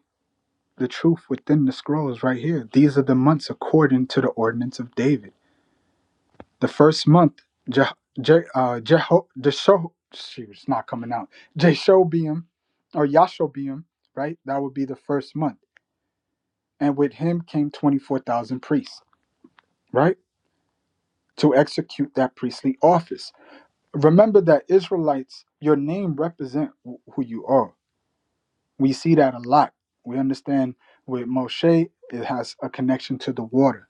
the truth within the scrolls right here. These are the months according to the ordinance of David. The first month, Je, Je, uh, Jeho, Jesho, shoot, it's not coming out. Jeshobeam or Yashobeam, right? That would be the first month. And with him came 24,000 priests, right? To execute that priestly office remember that Israelites, your name represent wh- who you are. We see that a lot. We understand with Moshe, it has a connection to the water,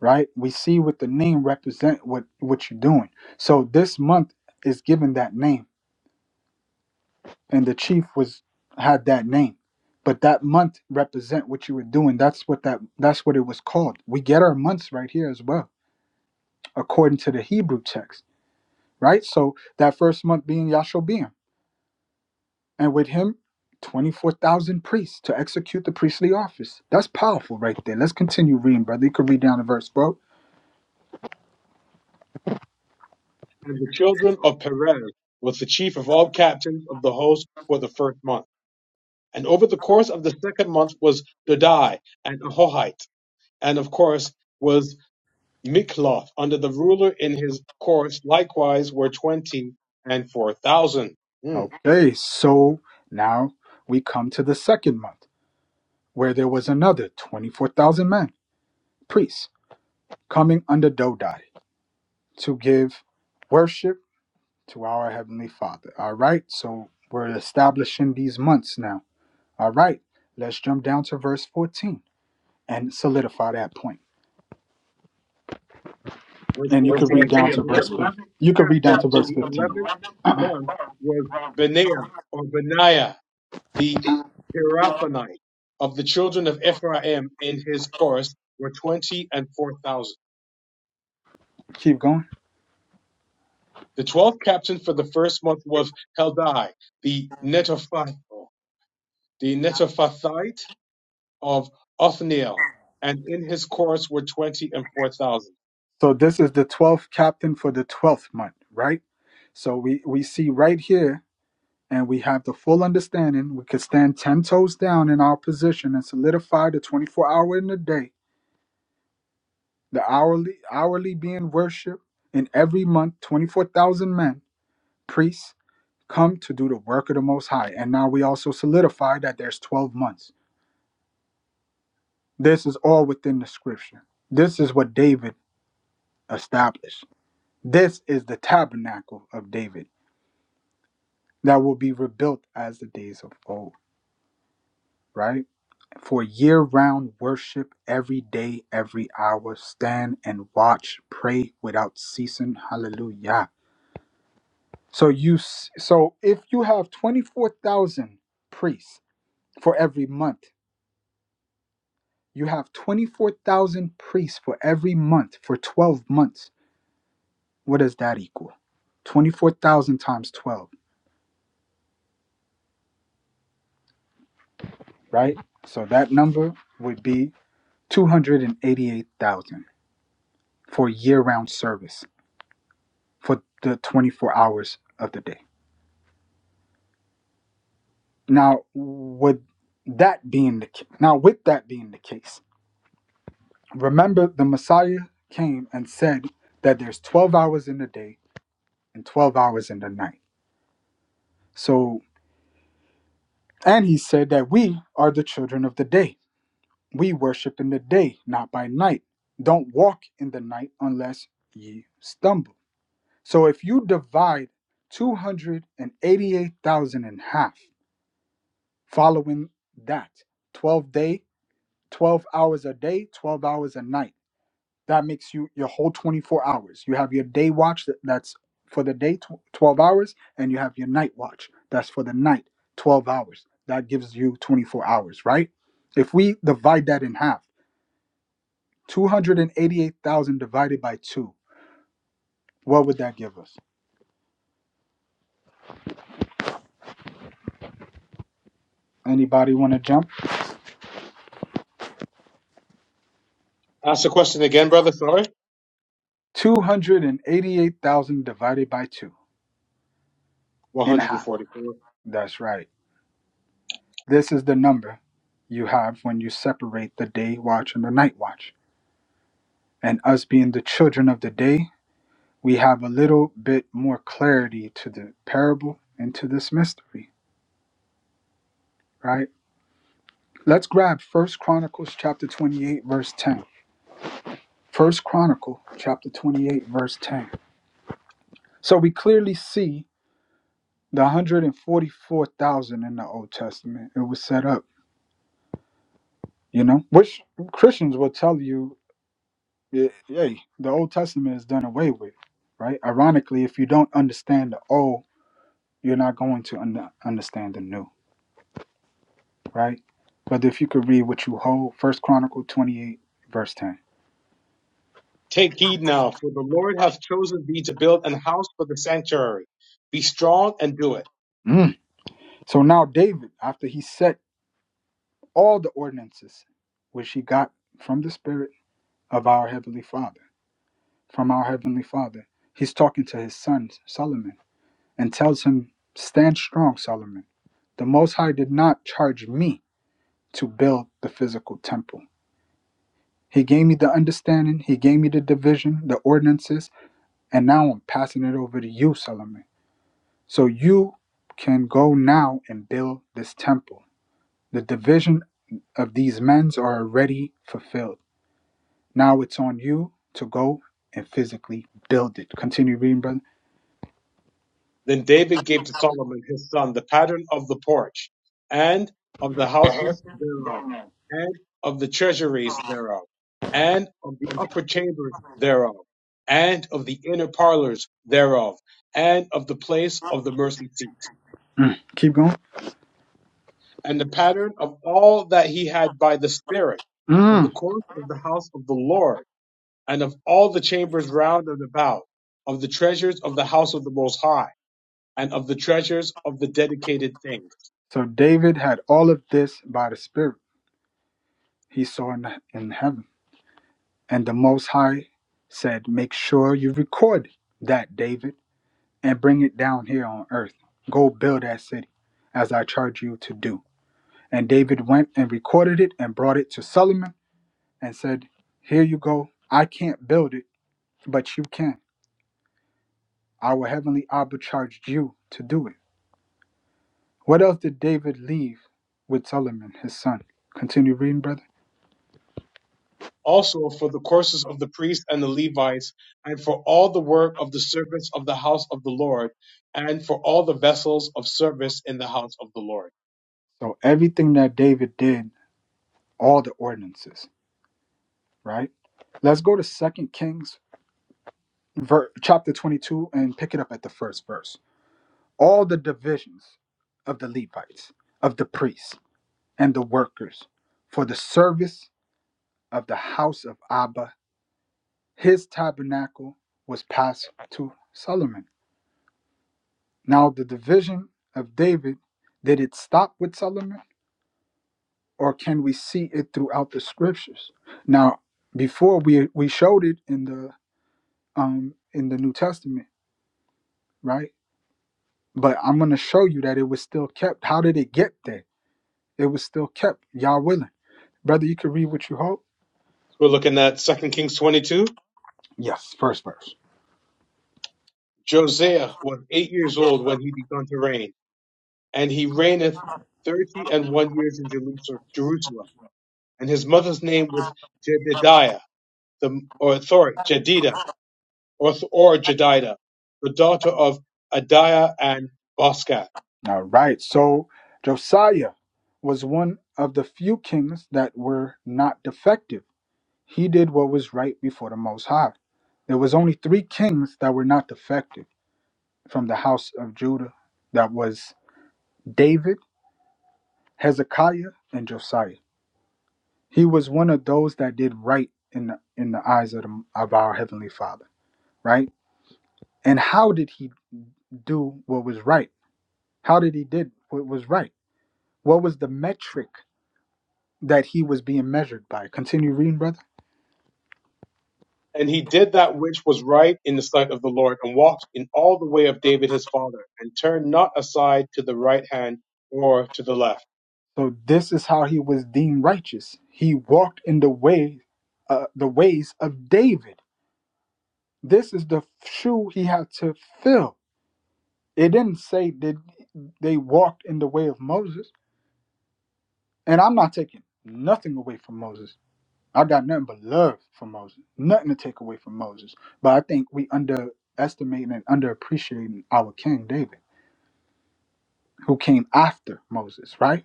right? We see what the name represent what what you're doing. So this month is given that name, and the chief was had that name, but that month represent what you were doing. That's what that that's what it was called. We get our months right here as well, according to the Hebrew text, right? So that first month being Yashobim and with him 24,000 priests to execute the priestly office. That's powerful right there. Let's continue reading, brother. You can read down the verse, bro. And the children of Perez was the chief of all captains of the host for the first month. And over the course of the second month was Dodai and Ahohite, and of course was Mikloth under the ruler in his course. Likewise were twenty and four thousand. Hmm. Okay, so now we come to the second month where there was another 24,000 men, priests, coming under Dodai to give worship to our Heavenly Father. All right, so we're establishing these months now. All right, let's jump down to verse 14 and solidify that point. Verse And you could read fourteen. The down to verse eleventh 15. You could read down captain to for verse the 15. 11th month was Benaiah or Benaiah, the Pirathonite. Of the children of Ephraim in his chorus were 20 and 4,000. Keep going. The 12th captain for the first month was Heldai, the Netophathite, the Netophathite of Othniel, and in his chorus were 20 and 4,000. So this is the 12th captain for the 12th month, right? So we, we see right here, and we have the full understanding. We could stand 10 toes down in our position and solidify the 24 hour in the day, the hourly, hourly being worship in every month, 24,000 men, priests, come to do the work of the Most High. And now we also solidify that there's 12 months. This is all within the scripture. This is what David established. This is the tabernacle of David that will be rebuilt as the days of old, right? For year round worship, every day, every hour, stand and watch, pray without ceasing. Hallelujah. So you s- so if you have 24,000 priests for every month, you have 24,000 priests for every month for 12 months. What does that equal? 24,000 times 12. right? So that number would be 288,000 for year round service for the 24 hours of the day. Now, with that being the now with that being the case, remember the Messiah came and said that there's 12 hours in the day and 12 hours in the night. So, and he said that we are the children of the day. We worship in the day, not by night. Don't walk in the night unless ye stumble So if you divide 288,000 in half, following that 12 day, 12 hours a day, 12 hours a night, that makes you your whole 24 hours. You have your day watch that- that's for the day, tw- 12 hours, and you have your night watch that's for the night, 12 hours. That gives you 24 hours, right? If we divide that in half, 288,000 divided by two, what would that give us? Anybody want to jump? Ask the question again, brother. Sorry. Two hundred and eighty-eight thousand divided by two in half. 144. That's right. This is the number you have when you separate the day watch and the night watch. And us being the children of the day, we have a little bit more clarity to the parable and to this mystery, right? Let's grab First Chronicles chapter 28, verse 10. First Chronicle chapter 28, verse 10. So we clearly see the 144,000 in the Old Testament. It was set up you know, which Christians will tell you, eh, hey, the Old Testament is done away with, right? Ironically, if you don't understand the old, you're not going to un- understand the new, right? But if you could read what you hold, First Chronicle 28, verse 10. Take heed now, for the Lord hath chosen thee to build an house for the sanctuary. Be strong and do it. Mm. So now David, after he set all the ordinances, which he got from the Spirit of our Heavenly Father, from our Heavenly Father, he's talking to his son Solomon and tells him, Stand strong, Solomon. The Most High did not charge me to build the physical temple. He gave me the understanding, He gave me the division, the ordinances, and now I'm passing it over to you, Solomon. So you can go now and build this temple. The division of these men's are already fulfilled. Now it's on you to go and physically build it. Continue reading, brother. Then David gave to Solomon his son the pattern of the porch, and of the houses thereof, and of the treasuries thereof, and of the upper chambers thereof, and of the inner parlors thereof, and of the place of the mercy seat, Keep going. and the pattern of all that he had by the Spirit, of the Mm. course of the house of the Lord and of all the chambers round about, of the treasures of the house of the Most High, and of the treasures of the dedicated things. So David had all of this by the Spirit. he saw in, in heaven. And the Most High said, Make sure you record that, David, and bring it down here on earth. Go build that city, as I charge you to do. And David went and recorded it and brought it to Solomon and said, Here you go. I can't build it, but you can. Our heavenly Abba charged you to do it. What else did David leave with Solomon, his son? Continue reading, brother. Also for the courses of the priests and the Levites, and for all the work of the servants of the house of the Lord, and for all the vessels of service in the house of the Lord. So everything that David did, all the ordinances, right? Let's go to Second Kings ver- chapter 22 and pick it up at the first verse. All the divisions of the Levites, of the priests, and the workers for the service of the house of Abba, his tabernacle was passed to Solomon. Now, the division of David, did it stop with Solomon, or can we see it throughout the scriptures? Now, before we, we showed it in the um, in the New Testament, right? But I'm going to show you that it was still kept. How did it get there? It was still kept, y'all willing. Brother, you can read what you hope? We're looking at Second Kings 22. Yes, first verse. Josiah was eight years old when he began to reign, and he reigneth thirty and one years in Jerusalem. And his mother's name was Jedidiah the, or sorry, Jedida, or, or Jedida, the daughter of Adiah and Boscath. All right. So Josiah was one of the few kings that were not defective. He did what was right before the Most High. There was only three kings that were not defective from the house of Judah. That was David, Hezekiah, and Josiah. He was one of those that did right in the, in the eyes of, the, of our Heavenly Father. right? And how did he do what was right? How did he did what was right? What was the metric that he was being measured by? Continue reading, brother. And he did that which was right in the sight of the Lord, and walked in all the way of David his father, and turned not aside to the right hand or to the left. So this is how he was deemed righteous. He walked in the way, uh, the ways of David. This is the shoe he had to fill. It didn't say that they walked in the way of Moses. And I'm not taking nothing away from Moses. I got nothing but love for Moses, nothing to take away from Moses. But I think we underestimating and underappreciating our King David, who came after Moses, right?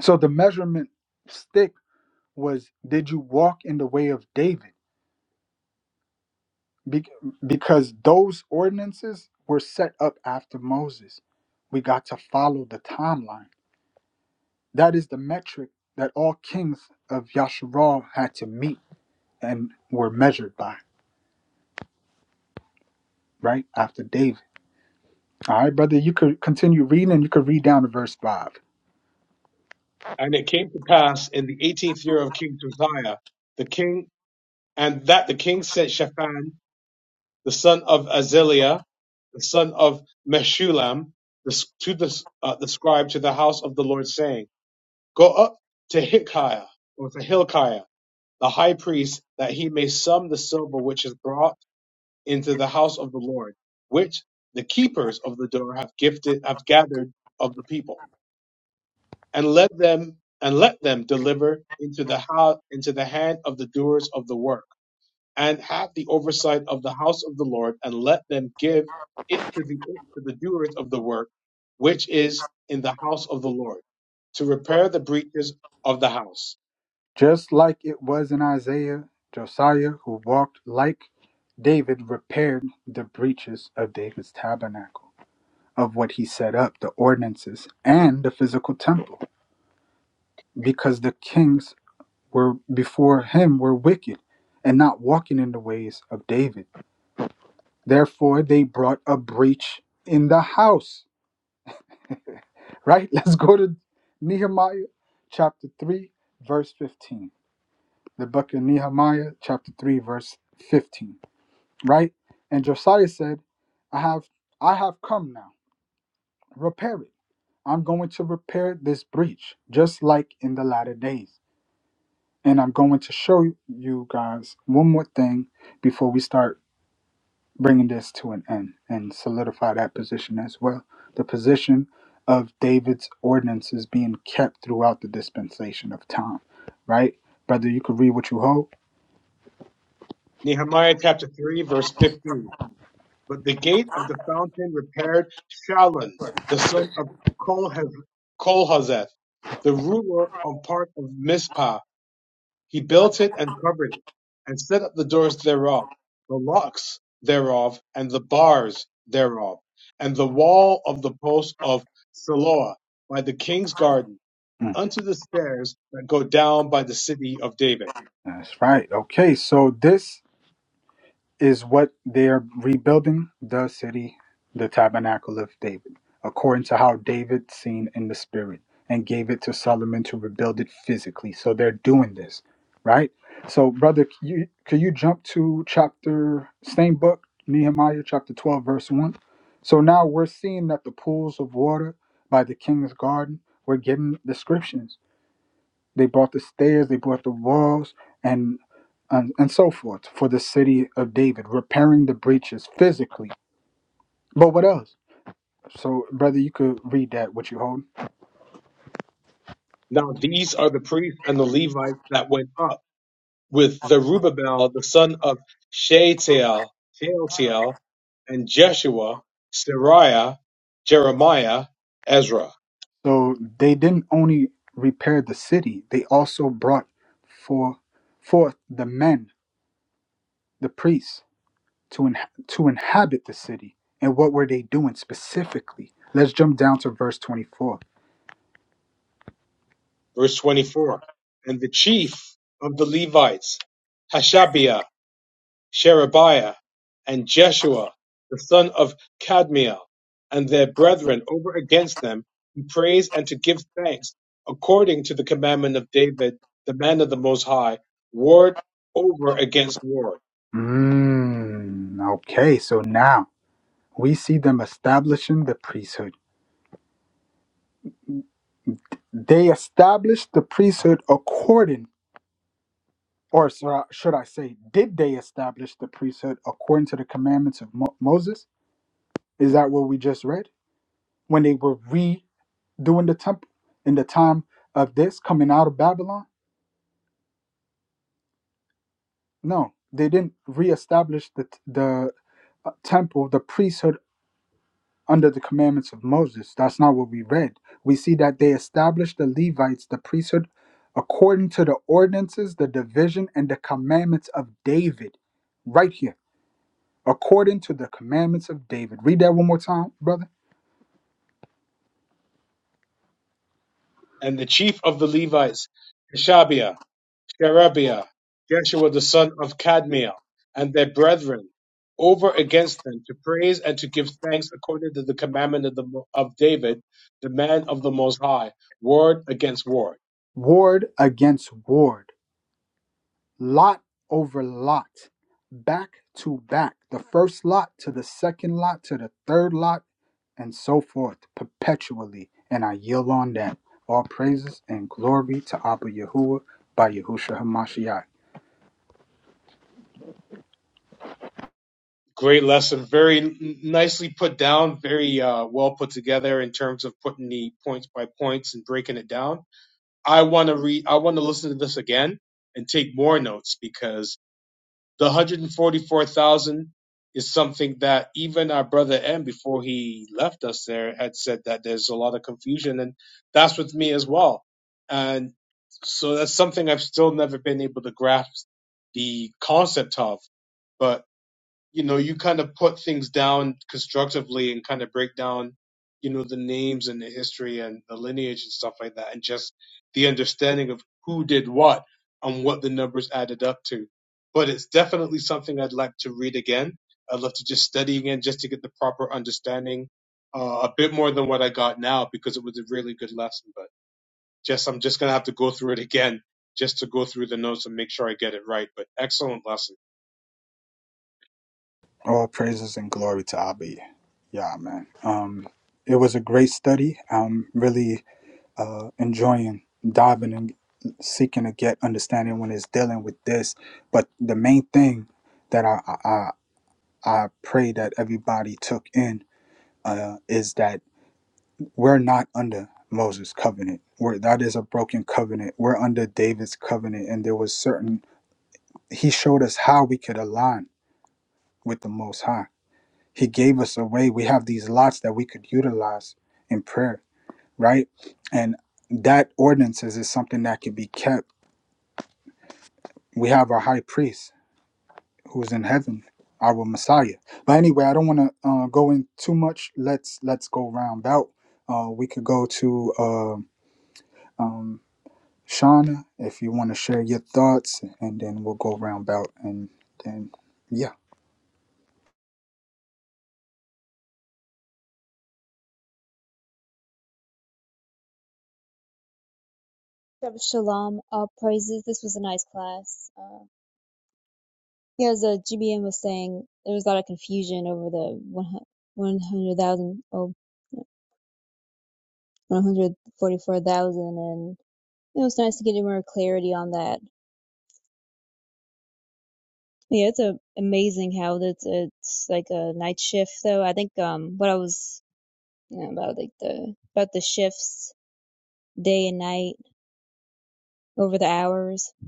So the measurement stick was did you walk in the way of David? Be- because those ordinances were set up after Moses. We got to follow the timeline. That is the metric that all kings of Yasharal had to meet and were measured by, right? After David. All right, brother, you could continue reading and you could read down to verse 5. And it came to pass in the eighteenth year of King Josiah, the king, and that the king sent Shaphan, the son of Azaliah, the son of Meshulam, the, to the, uh, the scribe to the house of the Lord, saying, Go up to Hilkiah, or to Hilkiah, the high priest, that he may sum the silver which is brought into the house of the Lord, which the keepers of the door have gifted, have gathered of the people, and let them and let them deliver into the house into the hand of the doers of the work, and have the oversight of the house of the Lord, and let them give it to the to the doers of the work, which is in the house of the Lord, to repair the breaches of the house Just like it was in Isaiah, Josiah, who walked like David, repaired the breaches of David's tabernacle, of what he set up, the ordinances, and the physical temple, because the kings were before him were wicked and not walking in the ways of David. Therefore, they brought a breach in the house. Right? Let's go to Nehemiah chapter 3, verse 15. the book of Nehemiah, chapter 3, verse 15, right? And Josiah said, I have I have come now. Repair it. I'm going to repair this breach, just like in the latter days. And I'm going to show you guys one more thing before we start bringing this to an end and solidify that position as well. The position of David's ordinances being kept throughout the dispensation of time, right? Brother, you could read what you hold. Nehemiah chapter 3, verse 15. But the gate of the fountain repaired Shallun, the son of Kolhez- Kolhazeth, the ruler of part of Mizpah. He built it and covered it, and set up the doors thereof, the locks thereof, and the bars thereof, and the wall of the post of Siloah by the king's garden, and unto the stairs that go down by the city of David. That's right. Okay, so this is what they're rebuilding the city, the tabernacle of David, according to how David seen in the spirit and gave it to Solomon to rebuild it physically. So they're doing this, right? So, brother, can you, can you jump to chapter, same book, Nehemiah chapter 12, verse 1? So now we're seeing that the pools of water by the king's garden, we're getting descriptions. They brought the stairs, they brought the walls, and, and and so forth for the city of David, repairing the breaches physically. But what else? So, brother, you could read that what you hold. Now these are the priests and the Levites that went up with Zerubbabel, the son of Shealtiel, Shealtiel, and Jeshua, Seraiah, Jeremiah, Ezra. So they didn't only repair the city; they also brought for forth the men, the priests, to in, to inhabit the city. And what were they doing specifically? Let's jump down to verse twenty-four. Verse 24. And the chief of the Levites, Hashabiah, Sherebiah, and Jeshua, the son of Cadmiel, and their brethren over against them to praise and to give thanks according to the commandment of David, the man of the Most High, ward over against ward Mm, okay, so now we see them establishing the priesthood. They established the priesthood according, or so should I say, did they establish the priesthood according to the commandments of Mo- Moses? Is that what we just read? When they were redoing the temple in the time of this coming out of Babylon? No, they didn't reestablish the, t- the uh, temple, the priesthood under the commandments of Moses. That's not what we read. We see that they established the Levites, the priesthood, according to the ordinances, the division, and the commandments of David. Right here, according to the commandments of David. Read that one more time, brother. and the chief of the Levites, Hashabiah, Sherebiah, Jeshua the son of Kadmiel, and their brethren, over against them to praise and to give thanks according to the commandment of, the, of David, the man of the Most High, word against word. Ward against ward. lot over lot, back to back, the first lot to the second lot to the third lot, and so forth, perpetually. And I yield on that. All praises and glory to Abba Yahuwah by Yahusha Hamashiach. Great lesson, very n- nicely put down, very uh, well put together in terms of putting the points by points and breaking it down. I want to read. I want to listen to this again and take more notes because the 144,000 is something that even our brother M, before he left us there, had said that there's a lot of confusion. And that's with me as well. And so that's something I've still never been able to grasp the concept of. But you know, you kind of put things down constructively and kind of break down, you know, the names and the history and the lineage and stuff like that, and just the understanding of who did what and what the numbers added up to. But it's definitely something I'd like to read again. I'd love to just study again just to get the proper understanding, uh, a bit more than what I got now because it was a really good lesson. But just, I'm just going to have to go through it again just to go through the notes and make sure I get it right. But excellent lesson. All praises and glory to Abba. Yeah, man. Um, it was a great study. I'm really uh, enjoying diving and seeking to get understanding when it's dealing with this. But the main thing that I, I, I pray that everybody took in uh, is that we're not under Moses' covenant. We're, that is a broken covenant. We're under David's covenant, and there was certain. He showed us how we could align with the Most High. He gave us a way. We have these lots that we could utilize in prayer, right? And that ordinances is something that can be kept. We have our high priest who is in heaven, our Messiah. But anyway, I don't want to uh, go in too much. Let's let's go round out. Uh, we could go to uh, um, Shauna if you want to share your thoughts, and then we'll go round out, and then yeah. Shabbat Shalom, uh, praises. This was a nice class. Uh, yeah, as uh, GBM was saying, there was a lot of confusion over the 100,000, oh, one hundred forty-four thousand, and it was nice to get more clarity on that. Yeah, it's a, amazing how that's it's like a night shift though. I think um what I was you know, about like the about the shifts day and night over the hours It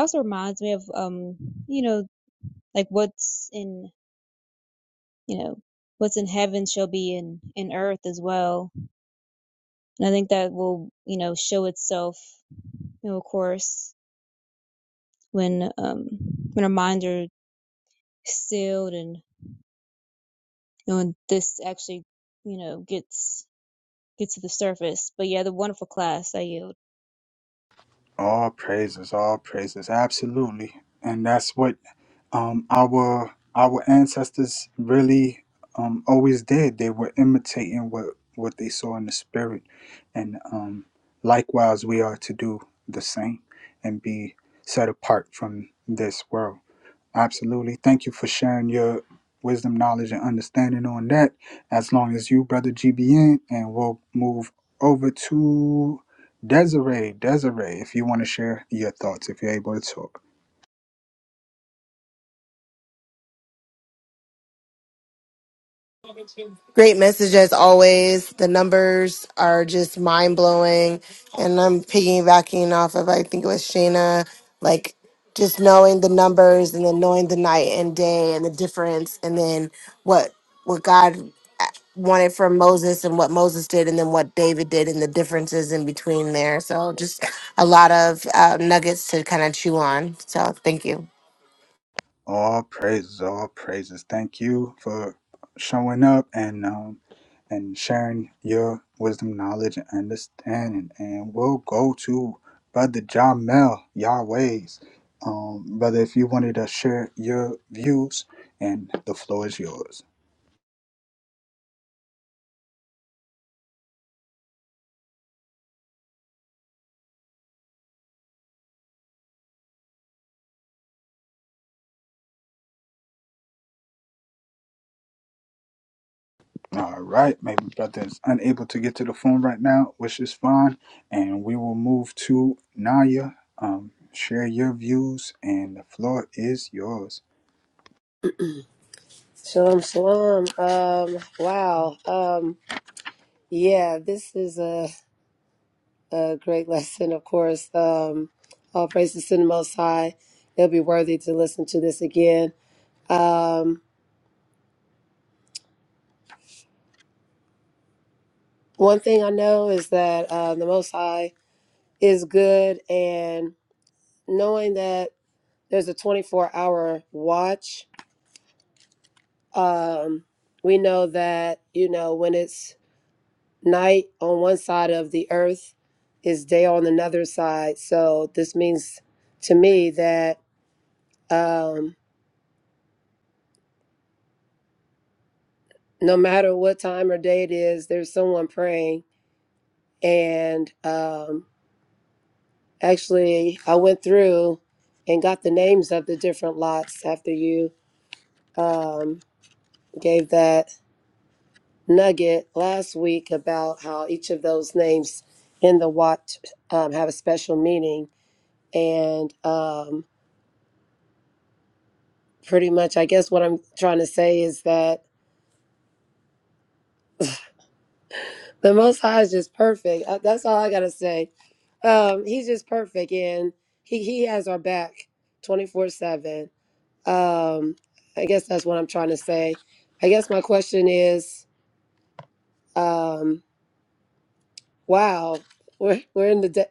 also reminds me of um you know like what's in you know what's in heaven shall be in in earth as well and i think that will you know show itself you know of course when um when our minds are sealed and you know when this actually you know gets gets to the surface but yeah the wonderful class i yield All praises, all praises, absolutely, and that's what um, our our ancestors really um, always did. They were imitating what what they saw in the spirit, and um, likewise, we are to do the same and be set apart from this world. Absolutely. Thank you for sharing your wisdom, knowledge, and understanding on that. As long as you, brother GBN, and we'll move over to Desiree. Desiree, if you want to share your thoughts, if you're able to talk. Great message as always. The numbers are just mind blowing. And I'm piggybacking off of, I think it was Shayna, like just knowing the numbers and then knowing the night and day and the difference and then what what God uh, wanted from Moses and what Moses did and then what David did and the differences in between there. So just a lot of uh, nuggets to kind of chew on. So thank you. All praises, all praises. Thank you for showing up and um and sharing your wisdom, knowledge, and understanding. And we'll go to Brother Jamel Yahweh's. Um, brother, if you wanted to share your views, and the floor is yours. All right, maybe brother is unable to get to the phone right now, which is fine. And we will move to Naya. Um, share your views, and the floor is yours. shalom shalom um, wow um, yeah this is a, a great lesson of course um, all praises to the most high it'll be worthy to listen to this again um, one thing i know is that uh, the most high is good and knowing that there's a 24 hour watch. Um, we know that, you know, when it's night on one side of the earth, is day on another side. So this means to me that um, no matter what time or day it is, there's someone praying. And um, actually, I went through and got the names of the different lots after you um, gave that nugget last week about how each of those names in the watch um, have a special meaning. And um, pretty much, I guess what I'm trying to say is that the Most High is just perfect. Uh, That's all I got to say. Um, he's just perfect, and he, he has our back 24 7. Um, I guess that's what I'm trying to say. I guess my question is um, wow, we're, we're in the de-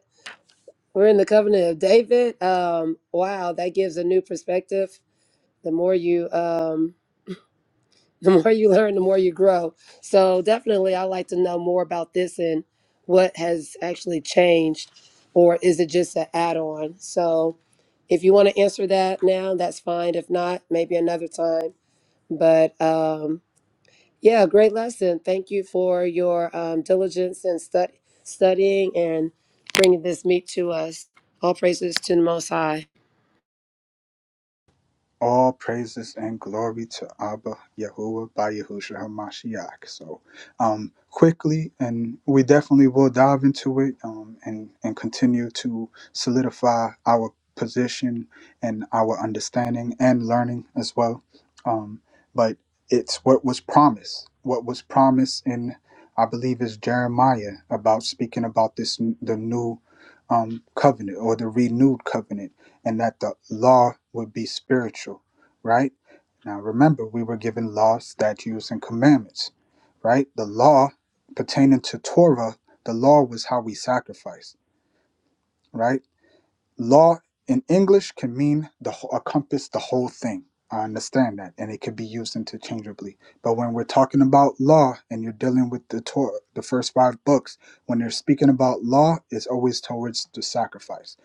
We're in the covenant of David. Um, wow, that gives a new perspective. The more you, um, the more you learn, the more you grow. So definitely, I like to know more about this and what has actually changed, or is it just an add-on? So, if you want to answer that now, that's fine. If not, maybe another time. But um, yeah, great lesson. Thank you for your um, diligence and stud- studying and bringing this meat to us. All praises to the Most High. All praises and glory to Abba Yahuwah by Yahushua HaMashiach. So, um, quickly, and we definitely will dive into it um, and, and continue to solidify our position and our understanding and learning as well. Um, but it's what was promised, what was promised in, I believe, is Jeremiah about speaking about this, the new um, covenant or the renewed covenant and that the law would be spiritual, right? Now remember, we were given laws, statutes, and commandments, right? The law pertaining to Torah, the law was how we sacrifice, right? Law in English can mean the wh- encompass the whole thing. I understand that, and it could be used interchangeably. But when we're talking about law, and you're dealing with the Torah, the first five books, when they're speaking about law, it's always towards the sacrifice.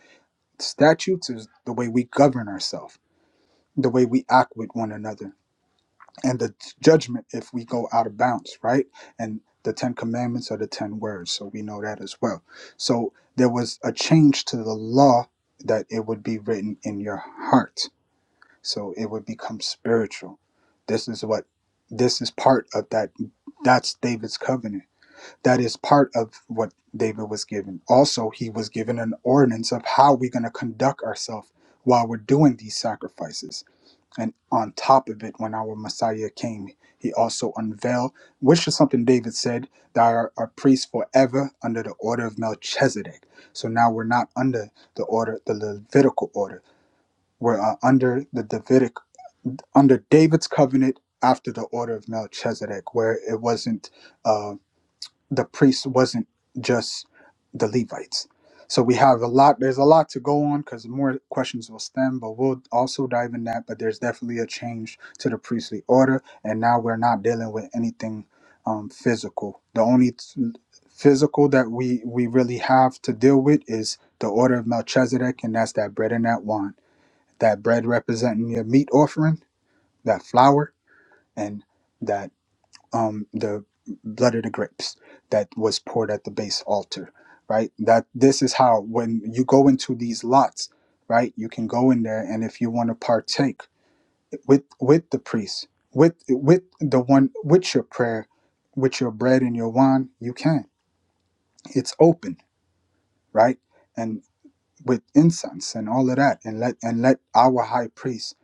Statutes is the way we govern ourselves the way we act with one another and the judgment if we go out of bounds, right? And the Ten Commandments are the Ten Words, so we know that as well. So there was a change to the law that it would be written in your heart, so it would become spiritual. This is what this is part of that. That's David's covenant. That is part of what David was given. Also, he was given an ordinance of how we're going to conduct ourselves while we're doing these sacrifices and on top of it, when our Messiah came, he also unveiled, which is something David said, thou art a priest forever under the order of Melchizedek. So now we're not under the order, the Levitical order. We're uh, under the Davidic, under David's covenant after the order of Melchizedek, where it wasn't. uh, the priest wasn't just the Levites. So we have a lot. There's a lot to go on because more questions will stem, but we'll also dive in that. But there's definitely a change to the priestly order, and now we're not dealing with anything um, physical. The only th- physical that we we really have to deal with is the order of Melchizedek, and that's that bread and that wine. That bread representing your meat offering, that flour, and that um, the blood of the grapes that was poured at the base altar, right? That this is how when you go into these lots, right? You can go in there, and if you want to partake with with the priest, with with the one with your prayer, with your bread and your wine, you can. It's open, right? And with incense and all of that, and let and let our high priest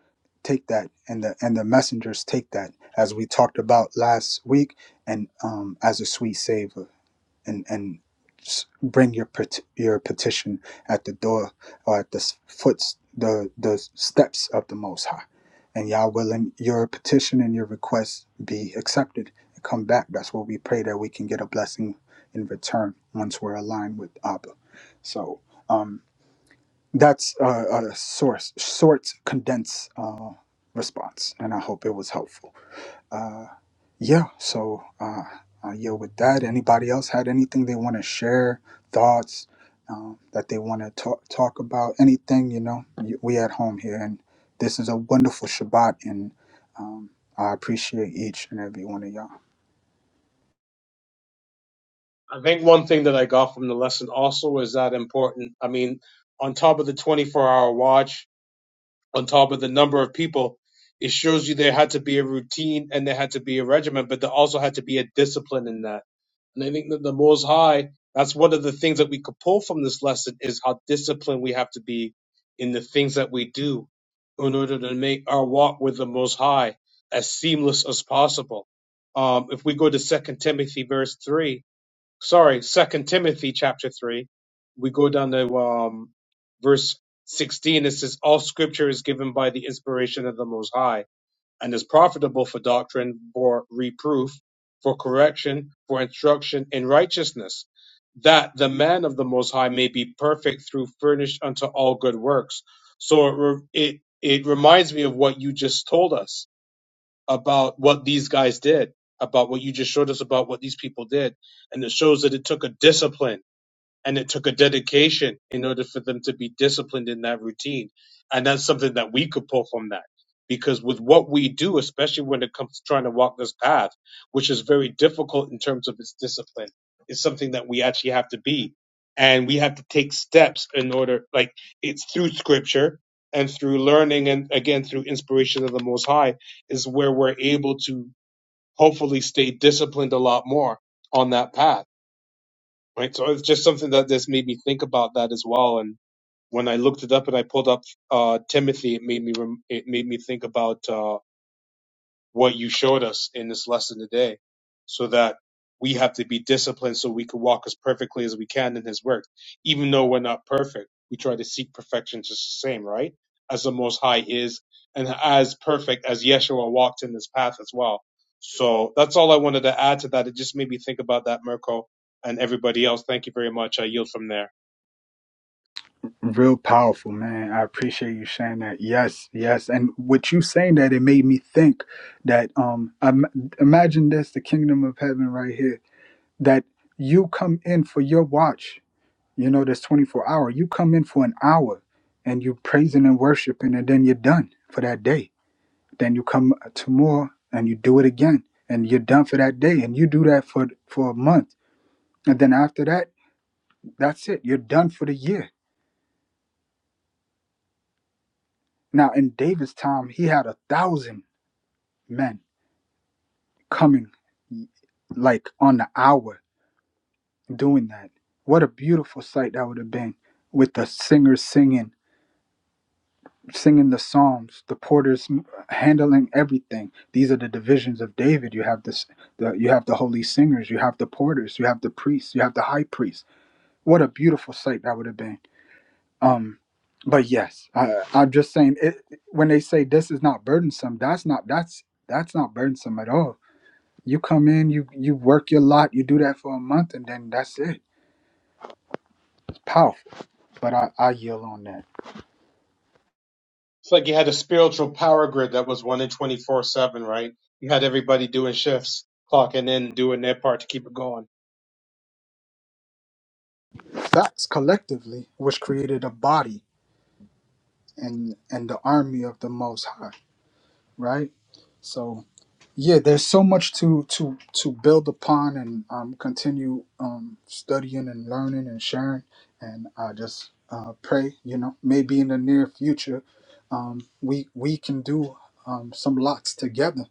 take that, and the and the messengers take that, as we talked about last week, and um, as a sweet savor and and bring your pet- your petition at the door or at the s- foot the the steps of the Most High, and Yah willing, your petition and your request be accepted and come back. That's what we pray that we can get a blessing in return once we're aligned with Abba. So um, that's a, a source short condensed uh, response, and I hope it was helpful. Uh, yeah, so uh, uh, yeah, with that, anybody else had anything they want to share, thoughts um, that they want to talk talk about, anything you know? y- We at home here, and this is a wonderful Shabbat, and um, I appreciate each and every one of y'all. I think one thing that I got from the lesson also is that important. I mean, on top of the 24 hour watch, on top of the number of people, it shows you there had to be a routine and there had to be a regimen, but there also had to be a discipline in that. And I think that the Most High, that's one of the things that we could pull from this lesson is how disciplined we have to be in the things that we do in order to make our walk with the Most High as seamless as possible. Um, if we go to Second Timothy verse three, sorry, Second Timothy chapter three, we go down to um, verse sixteen. It says, "All Scripture is given by the inspiration of the Most High, and is profitable for doctrine, for reproof, for correction, for instruction in righteousness, that the man of the Most High may be perfect, through furnished unto all good works." So it re- it, it reminds me of what you just told us about what these guys did, about what you just showed us about what these people did. And it shows that it took a discipline and it took a dedication in order for them to be disciplined in that routine. And that's something that we could pull from that. Because with what we do, especially when it comes to trying to walk this path, which is very difficult in terms of its discipline, is something that we actually have to be. And we have to take steps in order, like it's through scripture and through learning and again through inspiration of the Most High is where we're able to hopefully stay disciplined a lot more on that path right? So it's just something that this made me think about that as well. And when I looked it up and I pulled up uh, Timothy, it made me rem- it made me think about. Uh, what you showed us in this lesson today so that we have to be disciplined so we can walk as perfectly as we can in his work. Even though we're not perfect, we try to seek perfection just the same, right? As the Most High is and as perfect as Yeshua walked in this path as well. So that's all I wanted to add to that. It just made me think about that, Mirko, and everybody else. Thank you very much. I yield from there. Real powerful, man. I appreciate you sharing that. Yes, yes, and with you saying that, it made me think that um, im- imagine this, the kingdom of heaven right here, that you come in for your watch you know that's 24 hour you come in for an hour and you praising and worshiping and then you're done for that day then you come tomorrow and you do it again and you're done for that day and you do that for for a month and then after that that's it you're done for the year now in david's time he had a thousand men coming like on the hour doing that what a beautiful sight that would have been with the singers singing singing the psalms the porters handling everything these are the divisions of david you have this the, you have the holy singers you have the porters you have the priests you have the high priest what a beautiful sight that would have been um but yes I, i'm just saying it, when they say this is not burdensome that's not that's that's not burdensome at all you come in you you work your lot you do that for a month and then that's it it's powerful but i i yield on that It's like you had a spiritual power grid that was one in 24 7, right? You had everybody doing shifts, clocking in, doing their part to keep it going that's collectively was created a body and and the army of the most high right so yeah there's so much to to to build upon and um, continue um, studying and learning and sharing and i just uh, pray you know maybe in the near future um, we we can do um, some lots together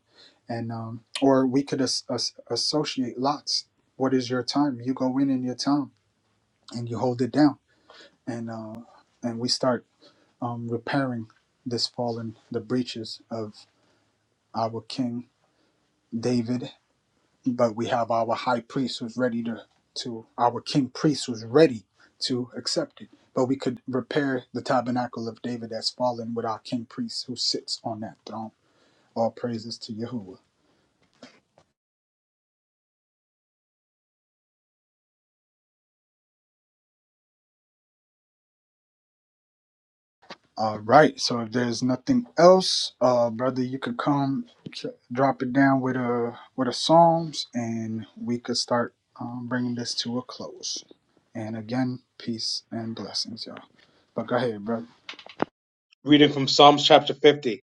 and um, or we could as, as, associate lots what is your time you go in in your time and you hold it down and uh, and we start um, repairing this fallen, the breaches of our King David. But we have our high priest who's ready to, to our king priest who's ready to accept it. But we could repair the tabernacle of David that's fallen with our king priest who sits on that throne. All praises to Yahuwah. All right. So if there's nothing else, uh, brother, you could come ch- drop it down with a with a psalms, and we could start um, bringing this to a close. And again, peace and blessings, y'all. But go ahead, brother. reading from Psalms chapter 50.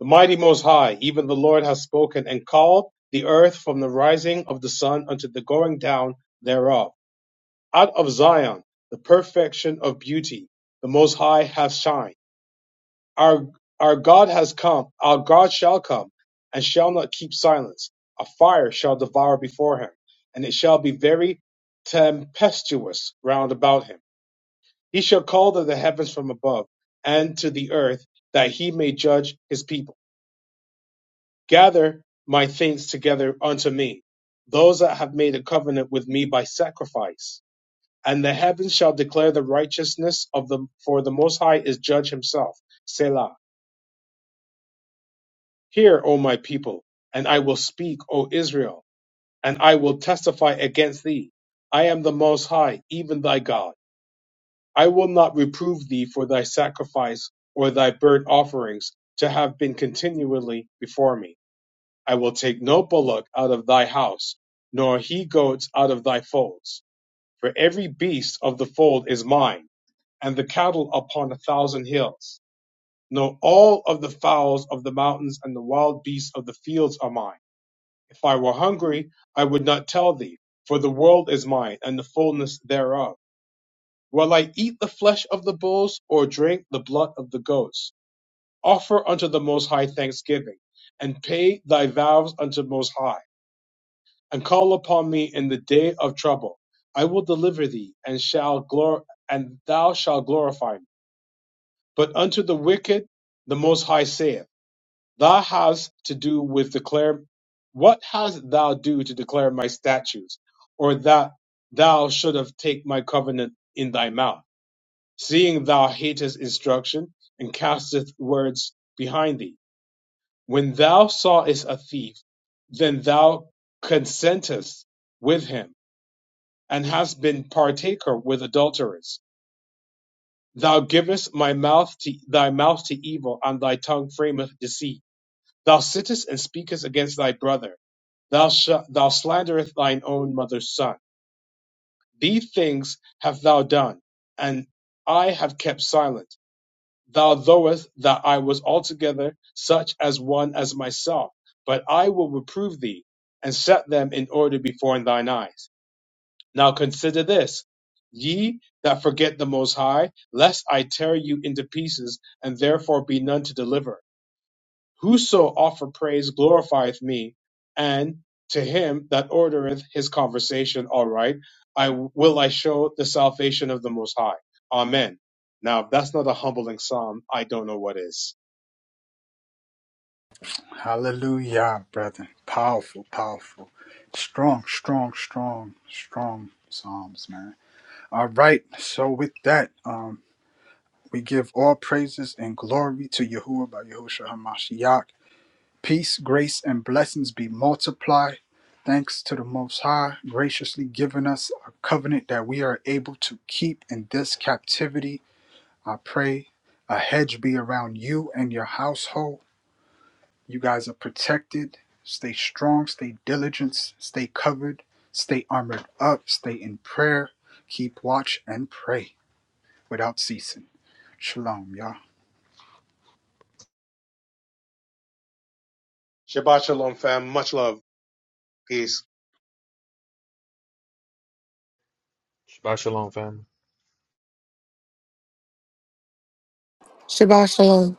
The mighty Most High, even the Lord, has spoken and called the earth from the rising of the sun unto the going down thereof. Out of Zion, the perfection of beauty, the Most High hath shined. Our, our God has come, our God shall come, and shall not keep silence. A fire shall devour before him, and it shall be very tempestuous round about him. He shall call to the heavens from above, and to the earth, that he may judge his people. gather my things together unto me, those that have made a covenant with me by sacrifice. And the heavens shall declare the righteousness of the, for the Most High is judge himself. Selah. Hear, O my people, and I will speak, O Israel, and I will testify against thee. I am the Most High, even thy God. I will not reprove thee for thy sacrifice or thy burnt offerings to have been continually before me I will take no bullock out of thy house, nor he goats out of thy folds. For every beast of the fold is mine, and the cattle upon a thousand hills. No, all of the fowls of the mountains and the wild beasts of the fields are mine. If I were hungry, I would not tell thee, for the world is mine, and the fullness thereof. Will I eat the flesh of the bulls, or drink the blood of the goats? Offer unto the Most High thanksgiving, and pay thy vows unto Most High and call upon me in the day of trouble. I will deliver thee, and shall glor- and thou shalt glorify me. But unto the wicked the Most High saith, Thou hast to do with declare, what hast thou do to declare my statutes, or that thou should have take my covenant in thy mouth, seeing thou hatest instruction and casteth words behind thee. When thou sawest a thief, then thou consentest with him and hast been partaker with adulterers. Thou givest my mouth to, thy mouth to evil, and thy tongue frameth deceit. Thou sittest and speakest against thy brother. Thou, sh- thou slanderest thine own mother's son. These things have thou done, and I have kept silent. Thou knowest that I was altogether such as one as myself, but I will reprove thee, and set them in order before thine eyes. Now consider this, ye that forget the Most High, lest I tear you into pieces, and therefore be none to deliver. Whoso offer praise glorifieth me, and to him that ordereth his conversation aright, I will I show the salvation of the Most High. Amen. Now, if that's not a humbling psalm, I don't know what is. Hallelujah, brother. Powerful, powerful, strong, strong, strong, strong psalms, man. All right. So with that, um, we give all praises and glory to Yahuwah by Yahushua Hamashiach Peace, grace, and blessings be multiplied. Thanks to the Most High, graciously giving us a covenant that we are able to keep in this captivity. I pray a hedge be around you and your household. You guys are protected. Stay strong, stay diligent, stay covered, stay armored up, stay in prayer, keep watch and pray without ceasing. Shalom, y'all. Shabbat shalom, fam. Much love. Peace. Shabbat shalom, fam. Shabbat shalom.